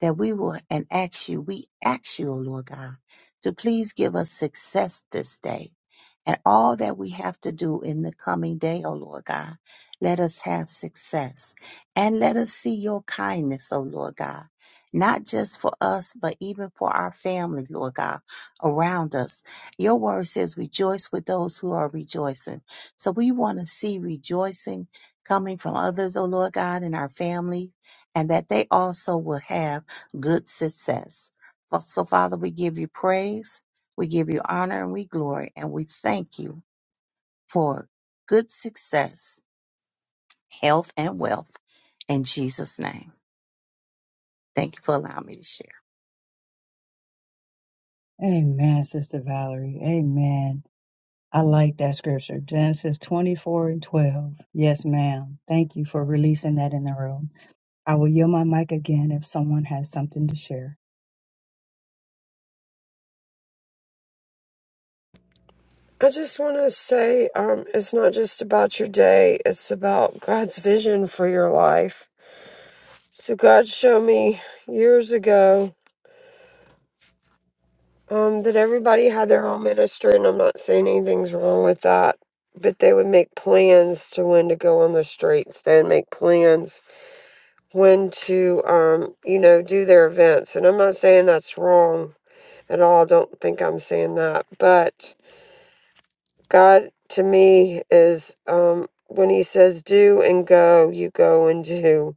S3: that we will and ask you, we ask you, O Lord God, to please give us success this day and all that we have to do in the coming day, O Lord God. Let us have success and let us see your kindness, O Lord God, not just for us, but even for our family, Lord God, around us. Your word says, rejoice with those who are rejoicing. So we want to see rejoicing coming from others, O Lord God, in our family, and that they also will have good success. Fa- So, Father, we give you praise, we give you honor, and we glory, and we thank you for good success, health, and wealth in Jesus' name. Thank you for allowing me to share.
S1: Amen, Sister Valerie. Amen. I like that scripture. Genesis 24 and 12. Yes, ma'am. Thank you for releasing that in the room. I will yield my mic again if someone has something to share.
S5: i just want to say um, it's not just about your day it's about god's vision for your life so god showed me years ago Um, that everybody had their own ministry, and I'm not saying anything's wrong with that. But they would make plans to when to go on the streets, then make plans when to, um, you know, do their events. And I'm not saying that's wrong at all. Don't think I'm saying that. But God to me is um, when He says do and go, you go and do.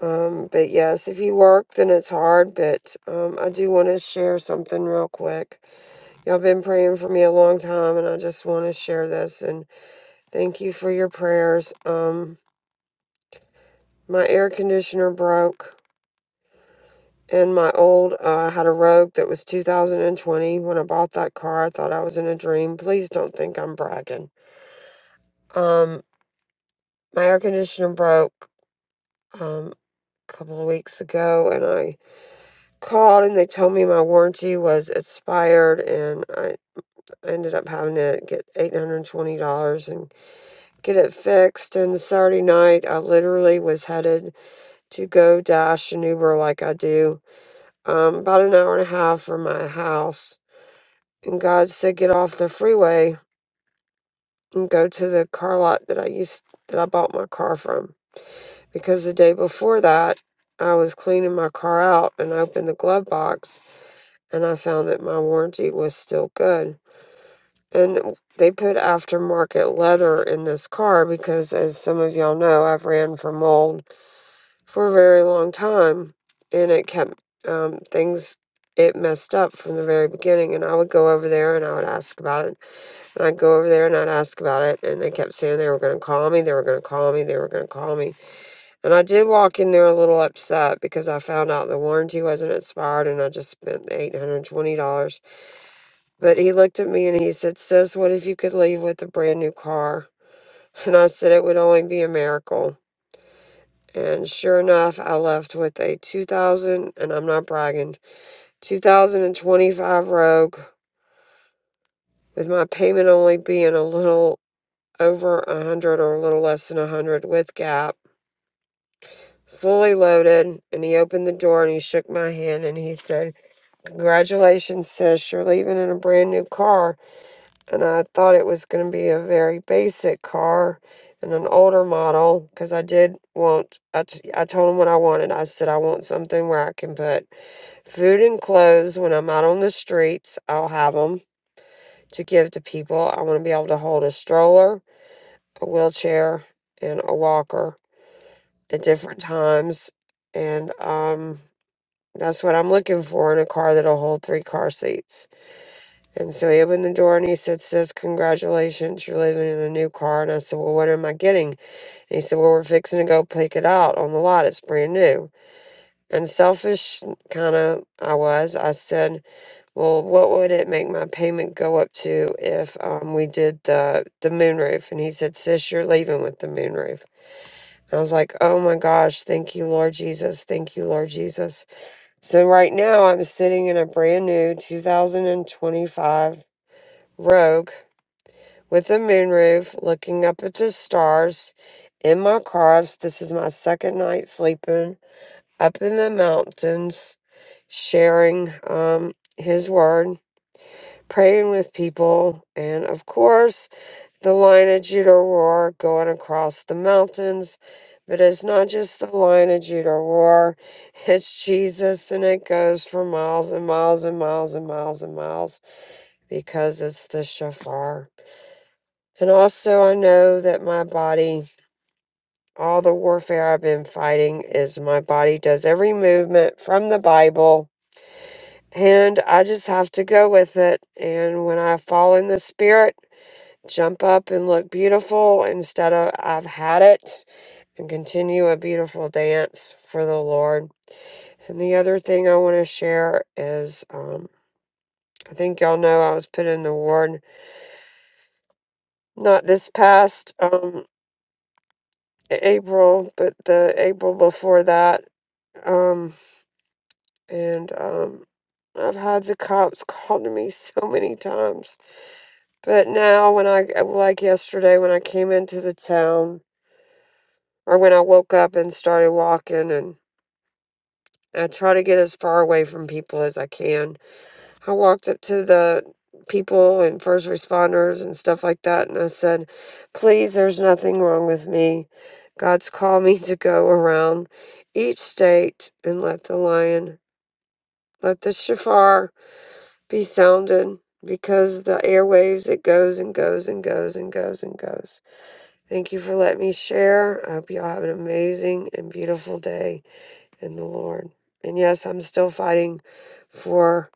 S5: Um, but yes, if you work, then it's hard. But um, I do want to share something real quick. Y'all been praying for me a long time, and I just want to share this. And thank you for your prayers. Um, my air conditioner broke, and my old uh, had a Rogue that was 2020. When I bought that car, I thought I was in a dream. Please don't think I'm bragging. Um, my air conditioner broke um, a couple of weeks ago, and I called, and they told me my warranty was expired, and I ended up having to get $820 and get it fixed. And Saturday night, I literally was headed to go dash an Uber like I do, um, about an hour and a half from my house. And God said, get off the freeway and go to the car lot that I used that I bought my car from. Because the day before that, I was cleaning my car out and I opened the glove box and I found that my warranty was still good. And they put aftermarket leather in this car because, as some of y'all know, I've ran for mold for a very long time, and it kept um, things. It messed up from the very beginning, and I would go over there and I would ask about it, and I'd go over there and I'd ask about it, and they kept saying they were going to call me, they were going to call me, they were going to call me, and I did walk in there a little upset because I found out the warranty wasn't expired, and I just spent the eight hundred twenty dollars. But he looked at me and he said, "Sis, what if you could leave with a brand new car?" And I said, "It would only be a miracle." And sure enough, I left with a 2000, and I'm not bragging, 2025 Rogue, with my payment only being a little over 100 or a little less than 100 with Gap, fully loaded. And he opened the door and he shook my hand and he said, Congratulations, sis, you're leaving in a brand new car. And I thought it was going to be a very basic car and an older model because I did want, I, t- I told him what I wanted. I said, I want something where I can put Food and clothes, when I'm out on the streets, I'll have them to give to people. I want to be able to hold a stroller, a wheelchair, and a walker at different times. And um, that's what I'm looking for in a car that'll hold three car seats. And so he opened the door and he said, Sis, congratulations, you're living in a new car. And I said, Well, what am I getting? And he said, Well, we're fixing to go pick it out on the lot. It's brand new. And selfish kind of I was. I said, Well, what would it make my payment go up to if um, we did the the moonroof? And he said, "Sis, you're leaving with the moonroof." I was like, "Oh my gosh, thank you, Lord Jesus, thank you, Lord Jesus." So right now, I'm sitting in a brand new 2025 Rogue with a moonroof, looking up at the stars in my car. This is my second night sleeping up in the mountains, sharing um, His word praying with people, and of course, the line of Judah war going across the mountains. But it's not just the line of Judah war; it's Jesus, and it goes for miles and miles and miles and miles and miles because it's the shofar. And also, I know that my body, all the warfare I've been fighting, is my body does every movement from the Bible. And I just have to go with it. And when I fall in the spirit, jump up and look beautiful instead of I've had it and continue a beautiful dance for the Lord. And the other thing I want to share is um, I think y'all know I was put in the ward not this past um, April, but the April before that. Um, and um, I've had the cops call to me so many times. But now, when I, like yesterday, when I came into the town, or when I woke up and started walking and. I try to get as far away from people as I can. I walked up to the people and first responders and stuff like that, and I said, Please, there's nothing wrong with me. God's called me to go around each state and let the lion, let the shofar be sounded because of the airwaves, it goes and goes and goes and goes and goes. Thank you for letting me share. I hope you all have an amazing and beautiful day in the Lord. And yes, I'm still fighting for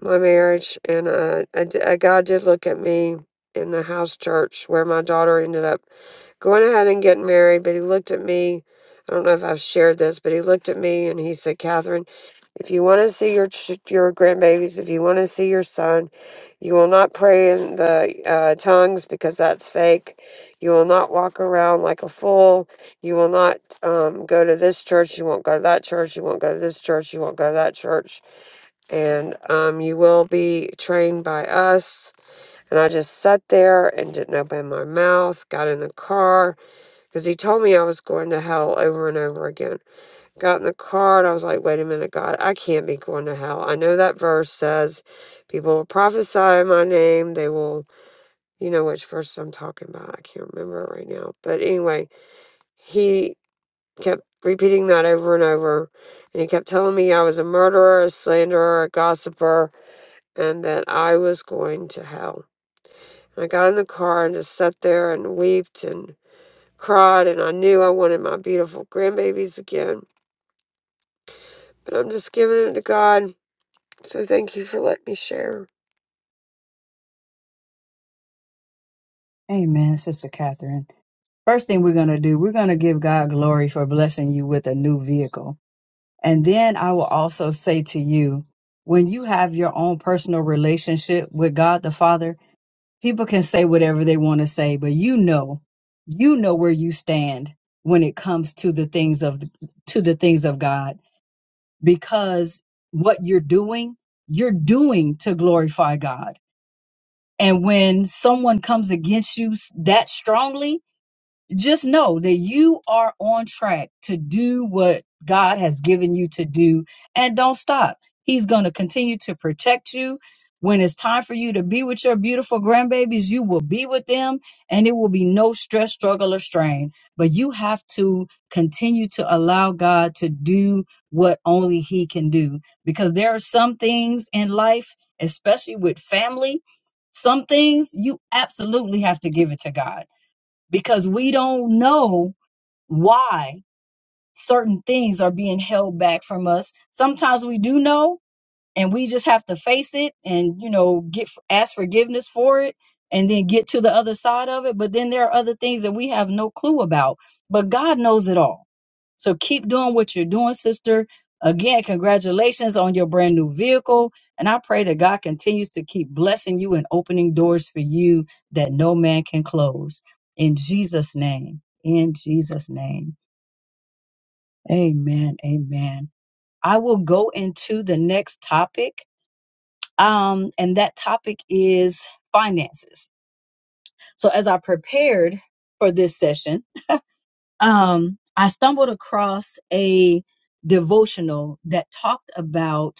S5: my marriage. And uh, I d uh God did look at me in the house church where my daughter ended up going ahead and getting married. But He looked at me. I don't know if I've shared this, but He looked at me and He said, Catherine. If you want to see your ch- your grandbabies, if you want to see your son, you will not pray in the uh, tongues because that's fake. You will not walk around like a fool. You will not um, go to this church. You won't go to that church. You won't go to this church. You won't go to that church. And um, you will be trained by us. And I just sat there and didn't open my mouth. Got in the car because he told me I was going to hell over and over again got in the car and I was like, wait a minute, God, I can't be going to hell. I know that verse says people will prophesy in my name. They will, you know, which verse I'm talking about. I can't remember it right now. But anyway, he kept repeating that over and over. And he kept telling me I was a murderer, a slanderer, a gossiper, and that I was going to hell. And I got in the car and just sat there and wept and cried. And I knew I wanted my beautiful grandbabies again. But I'm just giving it to God So thank you for letting me share.
S1: Amen, Sister Catherine. First thing we're going to do, we're going to give God glory for blessing you with a new vehicle. And then I will also say to you, when you have your own personal relationship with God the Father, people can say whatever they want to say, but you know, you know where you stand when it comes to the things of to the things of God because what you're doing, you're doing to glorify God. And when someone comes against you that strongly, just know that you are on track to do what God has given you to do and don't stop. He's going to continue to protect you. When it's time for you to be with your beautiful grandbabies, you will be with them and it will be no stress, struggle, or strain. But you have to continue to allow God to do what only He can do because there are some things in life, especially with family, some things you absolutely have to give it to God because we don't know why certain things are being held back from us. Sometimes we do know, and we just have to face it and you know get ask forgiveness for it and then get to the other side of it but then there are other things that we have no clue about but god knows it all so keep doing what you're doing sister again congratulations on your brand new vehicle and i pray that god continues to keep blessing you and opening doors for you that no man can close in jesus name in jesus name amen amen i will go into the next topic um, and that topic is finances. So as I prepared for this session, um, I stumbled across a devotional that talked about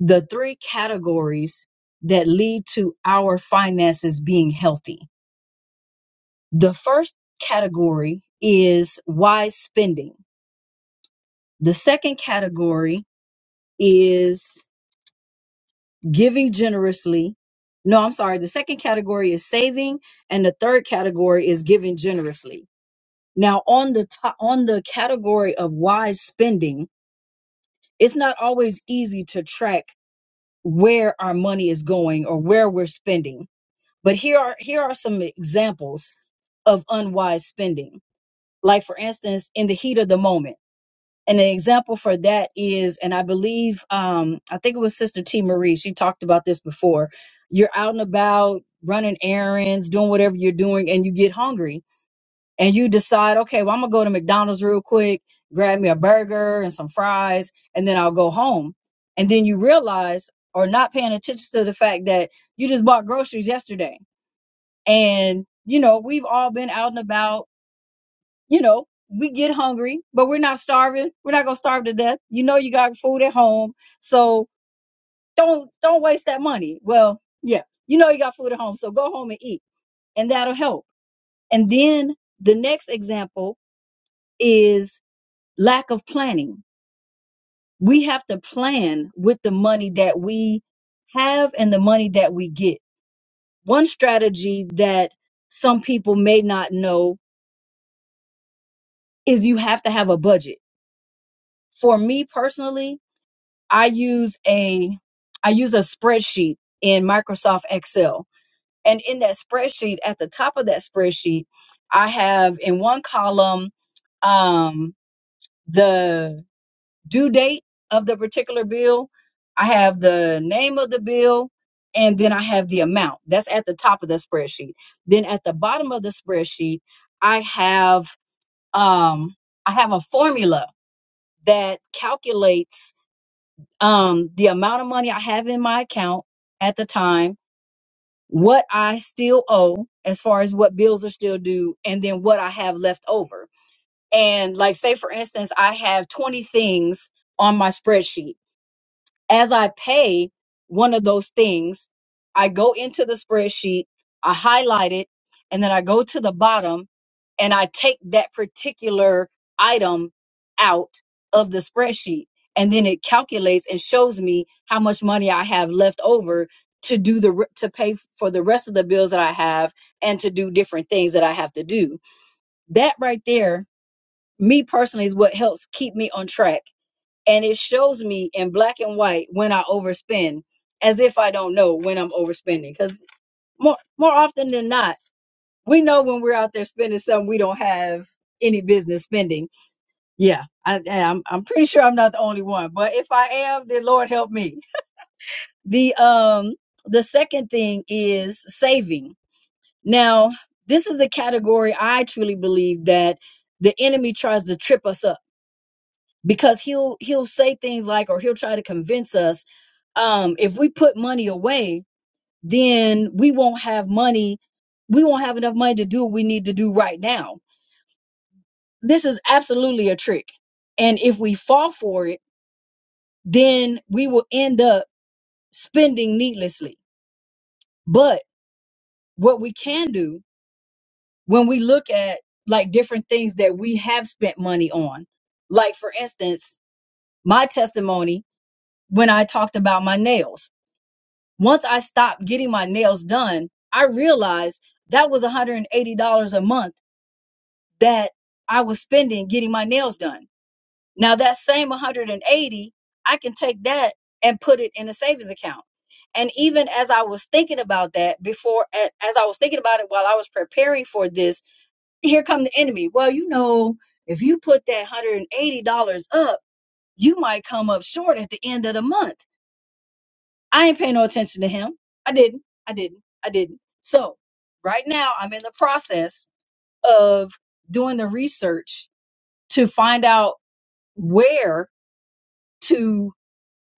S1: the three categories that lead to our finances being healthy. The first category is wise spending. The second category is giving generously. No, I'm sorry. The second category is saving, and the third category is giving generously. Now, on the to- on the category of wise spending, it's not always easy to track where our money is going or where we're spending. But here are here are some examples of unwise spending. Like for instance, in the heat of the moment And an example for that is, and I believe, um, I think it was Sister T. Marie. She talked about this before. You're out and about running errands, doing whatever you're doing, and you get hungry and you decide, okay, well, I'm going to go to McDonald's real quick, grab me a burger and some fries, and then I'll go home. And then you realize, or not paying attention to the fact that you just bought groceries yesterday. And, you know, we've all been out and about you know, we get hungry, but we're not starving. We're not gonna starve to death. You know you got food at home. So don't don't waste that money. Well, yeah, you know you got food at home, so go home and eat. And that'll help. And then the next example is lack of planning. We have to plan with the money that we have and the money that we get. One strategy that some people may not know is you have to have a budget. For me personally, I use a I use a spreadsheet in Microsoft Excel. And in that spreadsheet, at the top of that spreadsheet, I have in one column um, the due date of the particular bill. I have the name of the bill, and then I have the amount. That's at the top of the spreadsheet. Then at the bottom of the spreadsheet, I have um, I have a formula that calculates um, the amount of money I have in my account at the time, what I still owe as far as what bills are still due, and then what I have left over. And like, say for instance, I have 20 things on my spreadsheet as I pay one of those things, I go into the spreadsheet, I highlight it, and then I go to the bottom and I take that particular item out of the spreadsheet. And then it calculates and shows me how much money I have left over to do the re- to pay for the rest of the bills that I have and to do different things that I have to do. That right there, me personally, is what helps keep me on track and it shows me in black and white when I overspend, as if I don't know when I'm overspending. Because more more often than not, we know when we're out there spending something we don't have any business spending. Yeah, I, I'm I'm pretty sure I'm not the only one, but if I am, then Lord help me. The um the second thing is saving. Now this is the category I truly believe that the enemy tries to trip us up because he'll he'll say things like or he'll try to convince us um if we put money away then we won't have money we won't have enough money to do what we need to do right now this is absolutely a trick and if we fall for it then we will end up spending needlessly but what we can do when we look at like different things that we have spent money on like for instance my testimony when i talked about my nails Once I stopped getting my nails done, I realized that was $180 a month that I was spending getting my nails done. Now that same 180, I can take that and put it in a savings account. And even as I was thinking about that before a- as I was thinking about it while I was preparing for this, here come the enemy. Well, you know, if you put that $180 up, you might come up short at the end of the month I ain't paying no attention to him. I didn't. I didn't. I didn't. So right now I'm in the process of doing the research to find out where to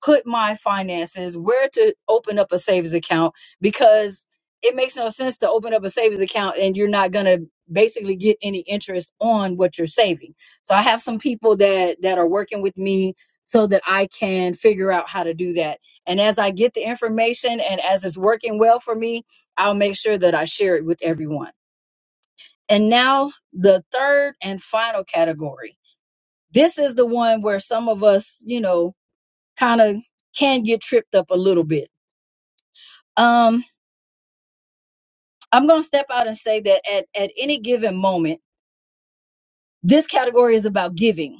S1: put my finances, where to open up a savings account because it makes no sense to open up a savings account and you're not going to basically get any interest on what you're saving. So I have some people that that are working with me so that I can figure out how to do that. And as I get the information and as it's working well for me, I'll make sure that I share it with everyone. And now the third and final category. This is the one where some of us, you know, kind of can get tripped up a little bit. Um, I'm going to step out and say that at, at any given moment, this category is about giving.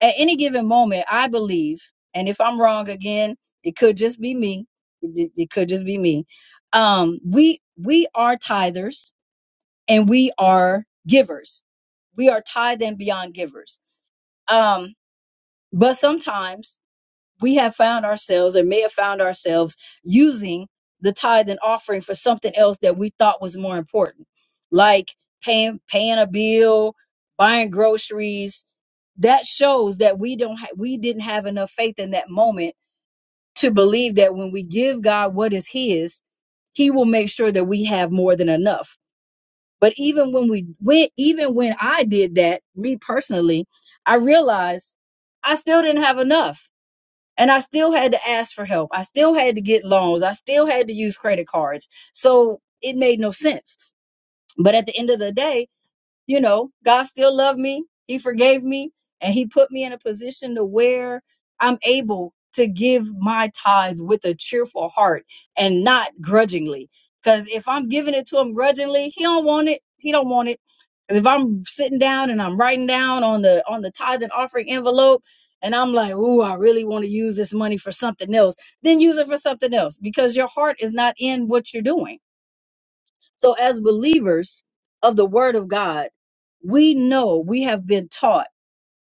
S1: At any given moment, I believe, and if I'm wrong again, it could just be me. It, it could just be me. Um, we we are tithers and we are givers. We are tithe and beyond givers. Um, but sometimes we have found ourselves or may have found ourselves using the tithe and offering for something else that we thought was more important, like paying paying a bill, buying groceries. That shows that we don't ha- we didn't have enough faith in that moment to believe that when we give God what is His, He will make sure that we have more than enough. But even when we went, even when I did that, me personally, I realized I still didn't have enough and I still had to ask for help. I still had to get loans. I still had to use credit cards. So it made no sense. But at the end of the day, you know, God still loved me. He forgave me and he put me in a position to where I'm able to give my tithes with a cheerful heart and not grudgingly. Cause if I'm giving it to him grudgingly, he don't want it. He don't want it. 'Cause if I'm sitting down and I'm writing down on the on the tithe and offering envelope and I'm like, ooh, I really want to use this money for something else, then use it for something else because your heart is not in what you're doing so, as believers of the Word of God, we know we have been taught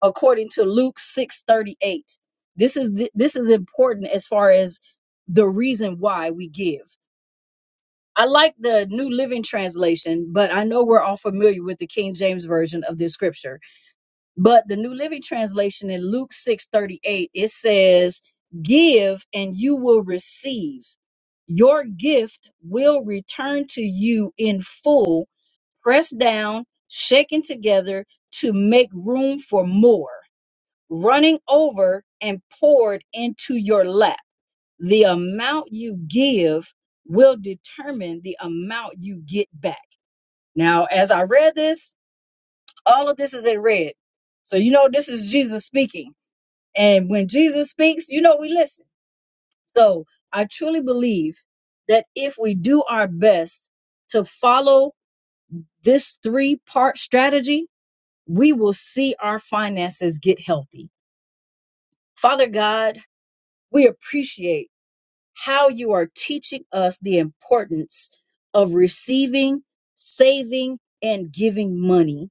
S1: according to Luke six thirty eight. This is th- this is important as far as the reason why we give. I like the New Living Translation, but I know we're all familiar with the King James version of this scripture. But the New Living Translation in Luke six thirty eight it says, "Give and you will receive." Your gift will return to you in full pressed down, shaken together to make room for more, running over and poured into your lap. The amount you give will determine the amount you get back. Now, as I read this, all of this is in red. So, you know, this is Jesus speaking. And when Jesus speaks, you know, we listen. So, I truly believe that if we do our best to follow this three part strategy, we will see our finances get healthy. Father God, we appreciate how you are teaching us the importance of receiving, saving, and giving money.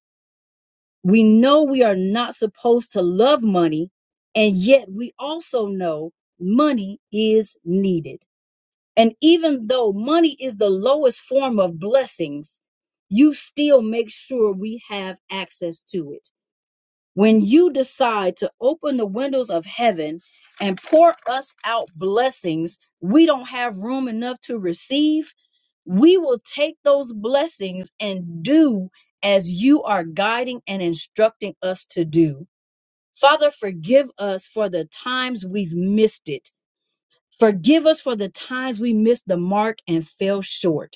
S1: We know we are not supposed to love money, and yet we also know money is needed. And even though money is the lowest form of blessings, you still make sure we have access to it. when you decide to open the windows of heaven and pour us out blessings we don't have room enough to receive, we will take those blessings and do as you are guiding and instructing us to do. Father, forgive us for the times we've missed it. Forgive us for the times we missed the mark and fell short.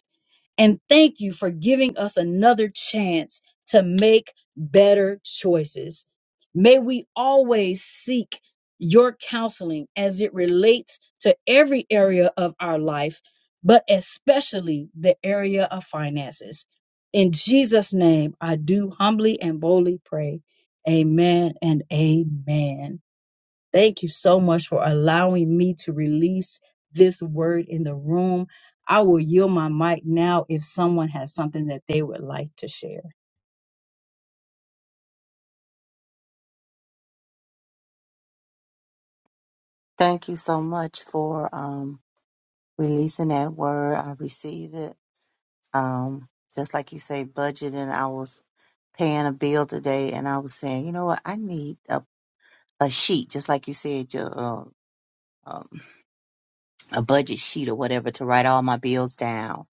S1: And thank you for giving us another chance to make better choices. May we always seek your counseling as it relates to every area of our life, but especially the area of finances. In Jesus' name, I do humbly and boldly pray. Amen and amen. Thank you so much for allowing me to release this word in the room. I will yield my mic now if someone has something that they would like to share.
S3: Thank you so much for um, releasing that word. I receive it. Um, just like you say, budgeting. I was paying a bill today, and I was saying, you know what? I need a, a sheet, just like you said, your uh, um, a budget sheet or whatever to write all my bills down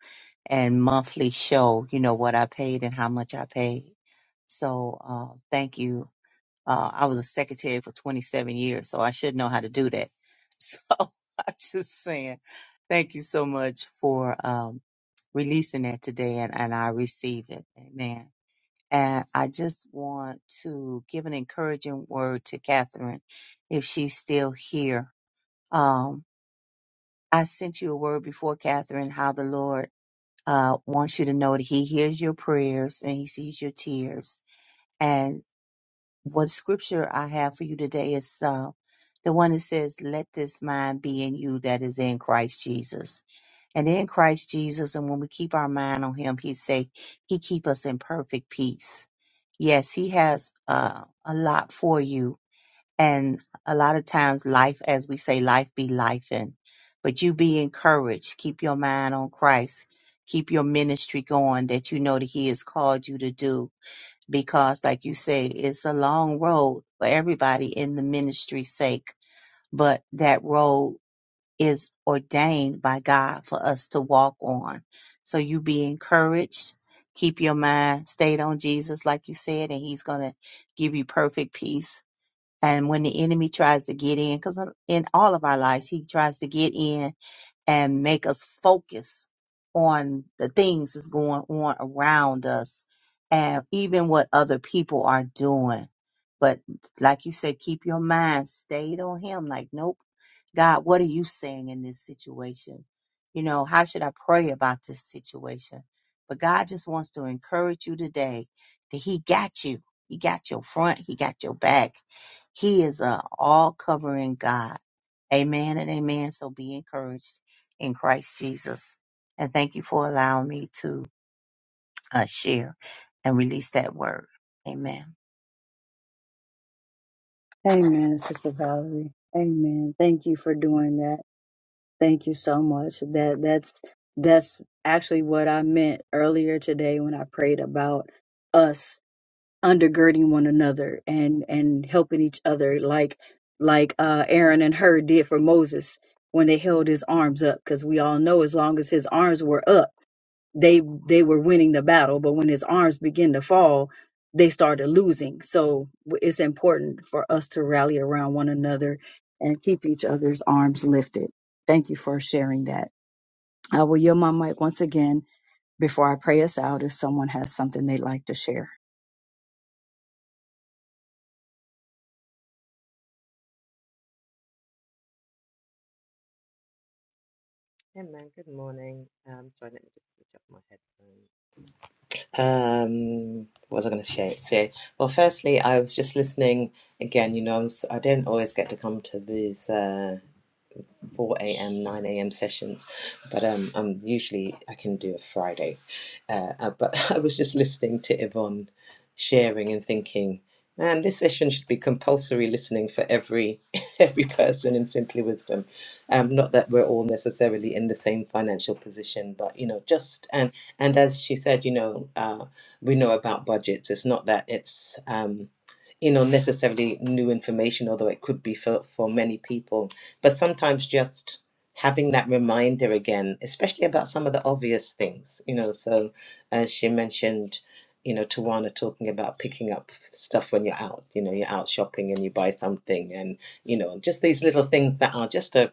S3: and monthly show, you know, what I paid and how much I paid. So uh, thank you. Uh, I was a secretary for 27 years, so I should know how to do that. So I'm just saying, thank you so much for um, releasing that today, and, and I receive it. Amen. And I just want to give an encouraging word to Catherine, if she's still here. Um, I sent you a word before, Catherine, how the Lord uh, wants you to know that he hears your prayers and he sees your tears. And what scripture I have for you today is uh, the one that says, Let this mind be in you that is in Christ Jesus. And in Christ Jesus, and when we keep our mind on him, he say, He keep us in perfect peace. Yes, he has uh, a lot for you and a lot of times, life, as we say, life be life in. But you be encouraged. Keep your mind on Christ. Keep your ministry going that you know that He has called you to do. Because, like you say, it's a long road for everybody in the ministry's sake. But that road is ordained by God for us to walk on. So you be encouraged. Keep your mind stayed on Jesus, like you said, and He's going to give you perfect peace and when the enemy tries to get in, because in all of our lives, he tries to get in and make us focus on the things that's going on around us and even what other people are doing. But like you said, keep your mind stayed on Him. Like, nope, God, what are you saying in this situation? You know, how should I pray about this situation? But God just wants to encourage you today that He got you. He got your front. He got your back. He is a all covering God. Amen and amen. So be encouraged in Christ Jesus. And thank you for allowing me to uh, share and release that word. Amen.
S1: Amen, Sister Valerie. Amen. Thank you for doing that. Thank you so much. That that's that's actually what I meant earlier today when I prayed about us undergirding one another and and helping each other like like uh Aaron and Hur did for Moses when they held his arms up because we all know as long as his arms were up they they were winning the battle but when his arms begin to fall they started losing so w- it's important for us to rally around one another and keep each other's arms lifted thank you for sharing that i will yield my mic once again before i pray us out if someone has something they'd like to share
S6: Hey man, good morning. Um, sorry, let me just switch up my headphones. Um, what was I going to say? say? Well, firstly, I was just listening again. You know, I'm, s- I don't always get to come to these. Uh, 4 a.m., 9 a.m. sessions, but um, I'm usually I can do a Friday. Uh, uh, but I was just listening to Yvonne sharing and thinking, man, this session should be compulsory listening for every every person in Simply Wisdom. Um, not that we're all necessarily in the same financial position, but you know, just and and as she said, you know, uh, we know about budgets. It's not that it's um, you know necessarily new information, although it could be for for many people but sometimes just having that reminder again, especially about some of the obvious things, you know. So, as she mentioned, you know, Tawana talking about picking up stuff when you're out, you know, you're out shopping and you buy something, and, you know, just these little things that are just a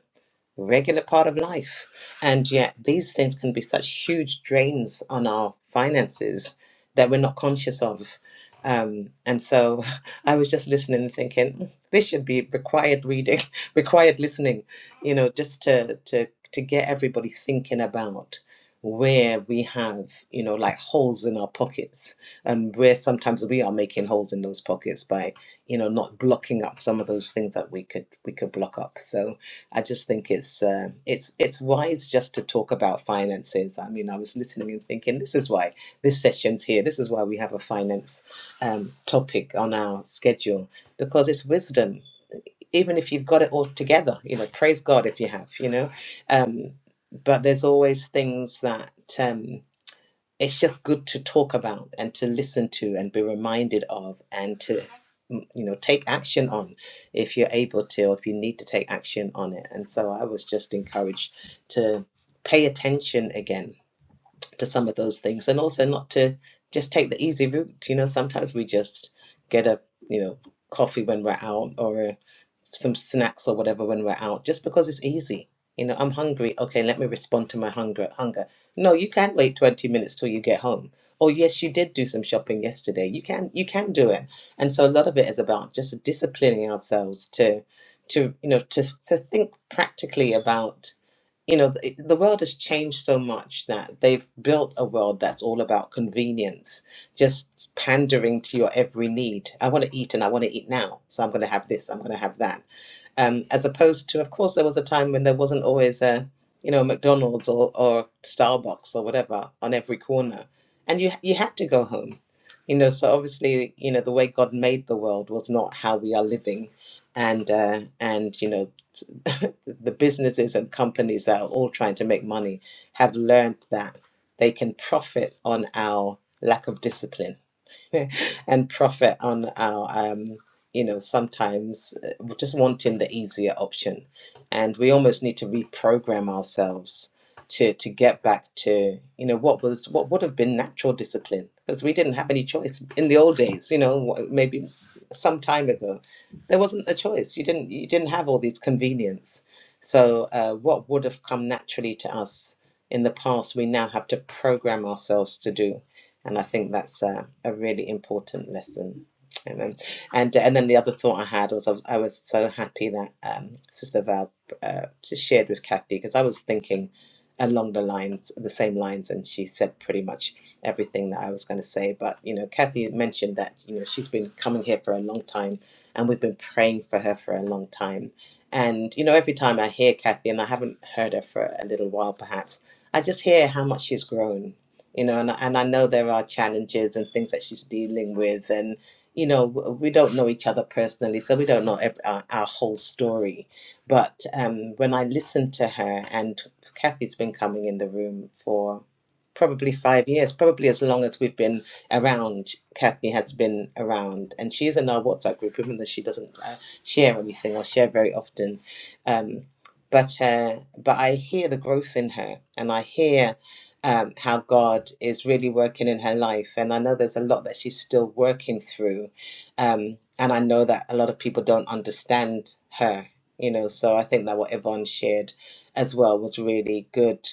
S6: regular part of life. And yet, these things can be such huge drains on our finances that we're not conscious of. Um, and so, I was just listening and thinking, "Mm, this should be required reading, required listening, you know, just to to to get everybody thinking about where we have, you know, like holes in our pockets, and where sometimes we are making holes in those pockets by, you know, not blocking up some of those things that we could we could block up. So, I just think it's uh, it's it's wise just to talk about finances. I mean, I was listening and thinking, this is why this session's here. This is why we have a finance um, topic on our schedule because it's wisdom. Even if you've got it all together, you know, praise God if you have, you know. Um, but there's always things that. Um, it's just good to talk about and to listen to and be reminded of and to mm, you know take action on if you're able to or if you need to take action on it and so i was just encouraged to pay attention again to some of those things and also not to just take the easy route you know sometimes we just get a you know coffee when we're out or a, some snacks or whatever when we're out just because it's easy you know i'm hungry okay let me respond to my hunger hunger no you can't wait 20 minutes till you get home oh yes you did do some shopping yesterday you can you can do it and so a lot of it is about just disciplining ourselves to to you know to, to think practically about you know the, the world has changed so much that they've built a world that's all about convenience just pandering to your every need i want to eat and i want to eat now so i'm going to have this i'm going to have that um, as opposed to of course there was a time when there wasn't always a you know mcdonald's or, or starbucks or whatever on every corner and you you had to go home you know so obviously you know the way god made the world was not how we are living and uh, and you know the businesses and companies that are all trying to make money have learned that they can profit on our lack of discipline and profit on our, um, you know, sometimes uh, just wanting the easier option. And we almost need to reprogram ourselves to, to get back to, you know, what was what would have been natural discipline because we didn't have any choice in the old days, you know, maybe some time ago, there wasn't a choice. You didn't you didn't have all these convenience. So uh, what would have come naturally to us in the past, we now have to program ourselves to do and I think that's a, a really important lesson. and then And and then the other thought I had was I was, I was so happy that um, Sister Val uh, just shared with Kathy because I was thinking along the lines the same lines and she said pretty much everything that I was going to say but you know Kathy mentioned that you know she's been coming here for a long time and we've been praying for her for a long time and you know every time I hear Kathy and I haven't heard her for a little while perhaps I just hear how much she's grown you know, and, and I know there are challenges and things that she's dealing with. And, you know, we don't know each other personally, so we don't know ev- our, our whole story. But um, when I listened to her, and Kathy's been coming in the room for probably five years, probably as long as we've been around, Kathy has been around. And she's in our WhatsApp group, even though she doesn't uh, share anything or share very often. Um, but uh, but I hear the growth in her, and I hear um, how God is really working in her life. And I know there's a lot that she's still working through. Um, and I know that a lot of people don't understand her, you know. So I think that what Yvonne shared as well was really good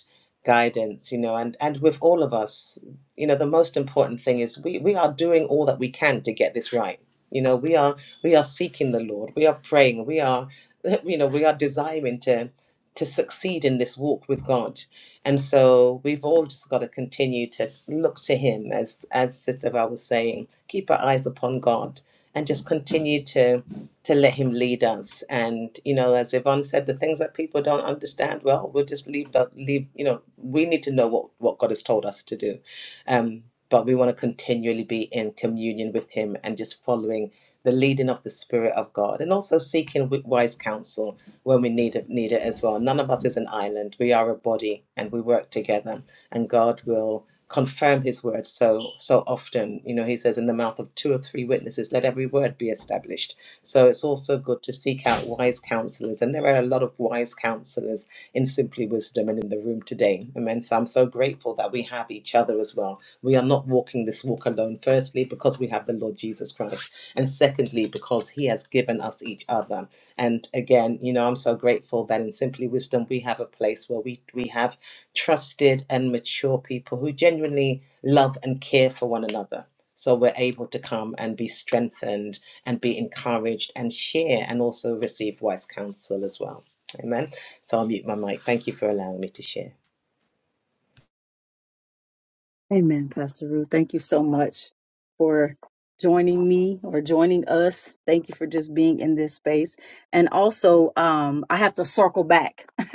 S6: guidance, you know. And, and with all of us, you know, the most important thing is we, we are doing all that we can to get this right. You know, we are we are seeking the Lord. We are praying. We are, you know, we are desiring to to succeed in this walk with God and so we've all just got to continue to look to Him, as as Sister Val was saying, keep our eyes upon God, and just continue to to let Him lead us. And you know, as Yvonne said, the things that people don't understand, well, we'll just leave that. Leave you know, we need to know what what God has told us to do, um, but we want to continually be in communion with Him and just following the leading of the Spirit of God, and also seeking wi- wise counsel when we need it, need it as well. None of us is an island. We are a body and we work together. And God will confirm his word so so often. You know, he says in the mouth of two or three witnesses, let every word be established. So it's also good to seek out wise counselors. And there are a lot of wise counselors in Simply Wisdom and in the room today. Amen. So I'm so grateful that we have each other as well. We are not walking this walk alone, firstly, because we have the Lord Jesus Christ. And secondly, because he has given us each other. And again, you know, I'm so grateful that in Simply Wisdom we have a place where we we have trusted and mature people who genuinely love and care for one another. So we're able to come and be strengthened and be encouraged and share and also receive wise counsel as well. Amen. So I'll mute my mic. Thank you for allowing me to share.
S1: Amen, Pastor Ruth. Thank you so much for joining me or joining us. Thank you for just being in this space. And also, um, I have to circle back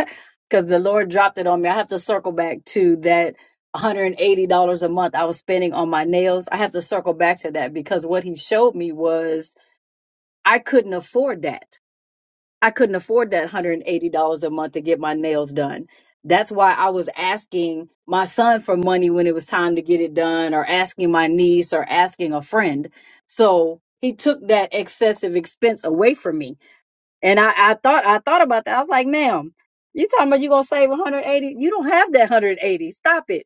S1: because the Lord dropped it on me. I have to circle back to that $180 a month I was spending on my nails. I have to circle back to that because what he showed me was I couldn't afford that. I couldn't afford that $180 a month to get my nails done. That's why I was asking my son for money when it was time to get it done, or asking my niece, or asking a friend. So he took that excessive expense away from me. And I, I thought I thought about that. I was like, ma'am, you talking about you gonna save 180? You don't have that 180. Stop it.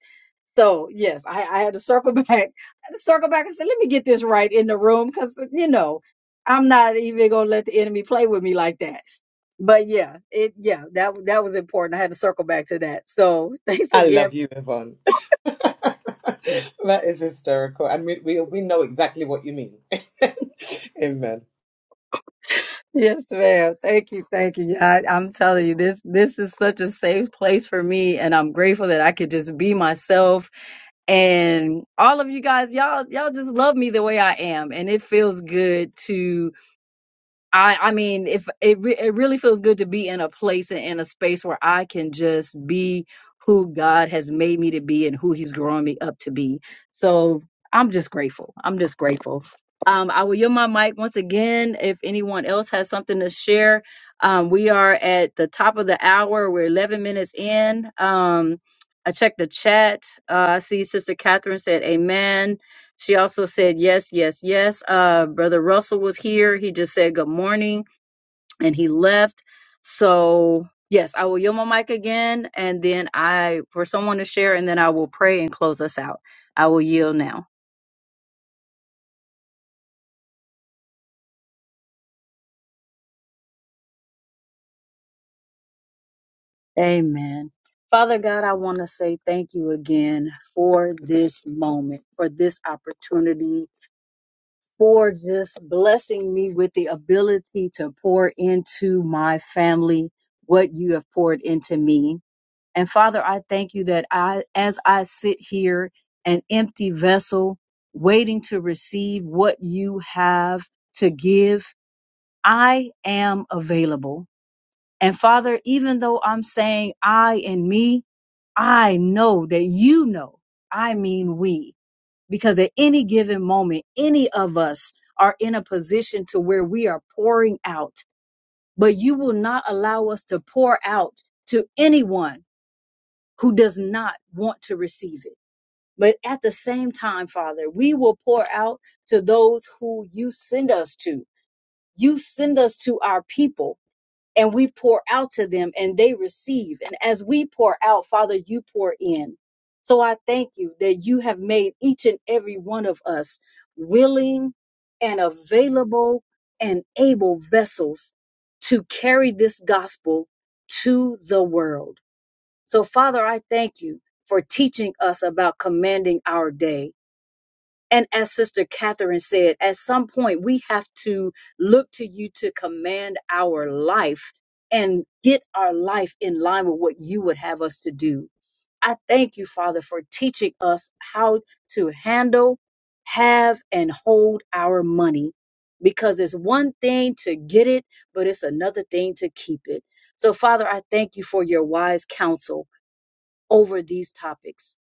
S1: So yes, I, I had to circle back. I had to circle back and say, let me get this right in the room, because you know, I'm not even gonna let the enemy play with me like that but yeah, it yeah, that that was important. I had to circle back to that. So thanks
S6: I
S1: again.
S6: love you, Yvonne. that is hysterical. And we, we, we know exactly what you mean. Amen.
S1: Yes, ma'am. Thank you, thank you. I, I'm telling you, this this is such a safe place for me, and I'm grateful that I could just be myself and all of you guys y'all y'all just love me the way i am and it feels good to. I I mean, if it re- it really feels good to be in a place and in a space where I can just be who God has made me to be and who He's growing me up to be. So I'm just grateful. I'm just grateful. Um, I will yield my mic once again. If anyone else has something to share, um, we are at the top of the hour. We're 11 minutes in. Um, I checked the chat. Uh, I see Sister Catherine said, "Amen." She also said, yes, yes, yes. Uh, Brother Russell was here. He just said good morning and he left. So, yes, I will yield my mic again and then I, for someone to share, and then I will pray and close us out. I will yield now. Amen. Father God, I want to say thank you again for this moment, for this opportunity, for just blessing me with the ability to pour into my family what you have poured into me. And Father, I thank you that I, as I sit here, an empty vessel, waiting to receive what you have to give, I am available. And Father, even though I'm saying I and me, I know that you know, I mean we, because at any given moment, any of us are in a position to where we are pouring out, but you will not allow us to pour out to anyone who does not want to receive it. But at the same time, Father, we will pour out to those who you send us to. You send us to our people and we pour out to them and they receive. And as we pour out, Father, you pour in. So I thank you that you have made each and every one of us willing and available and able vessels to carry this gospel to the world. So, Father, I thank you for teaching us about commanding our day. And as Sister Catherine said, at some point we have to look to you to command our life and get our life in line with what you would have us to do. I thank you, Father, for teaching us how to handle, have, and hold our money. Because it's one thing to get it, but it's another thing to keep it. So, Father, I thank you for your wise counsel over these topics.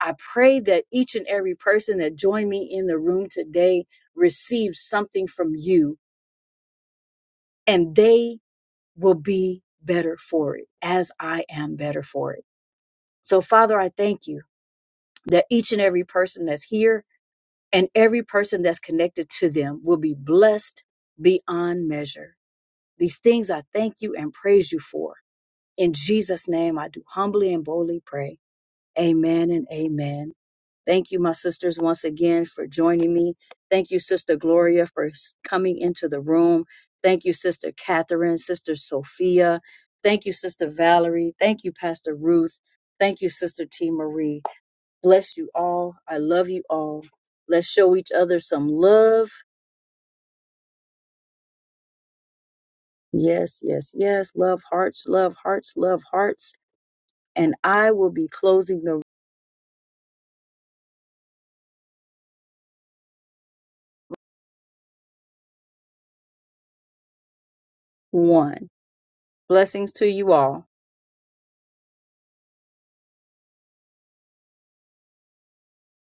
S1: I pray that each and every person that joined me in the room today receives something from you and they will be better for it as I am better for it. So, Father, I thank you that each and every person that's here and every person that's connected to them will be blessed beyond measure. These things I thank you and praise you for. In Jesus' name, I do humbly and boldly pray. Amen and amen. Thank you, my sisters, once again for joining me. Thank you, Sister Gloria, for s- coming into the room. Thank you, Sister Catherine, Sister Sophia. Thank you, Sister Valerie. Thank you, Pastor Ruth. Thank you, Sister T. Marie. Bless you all. I love you all. Let's show each other some love. Yes, yes, yes. Love hearts, love hearts, love hearts. And I will be closing the one. Blessings to you all.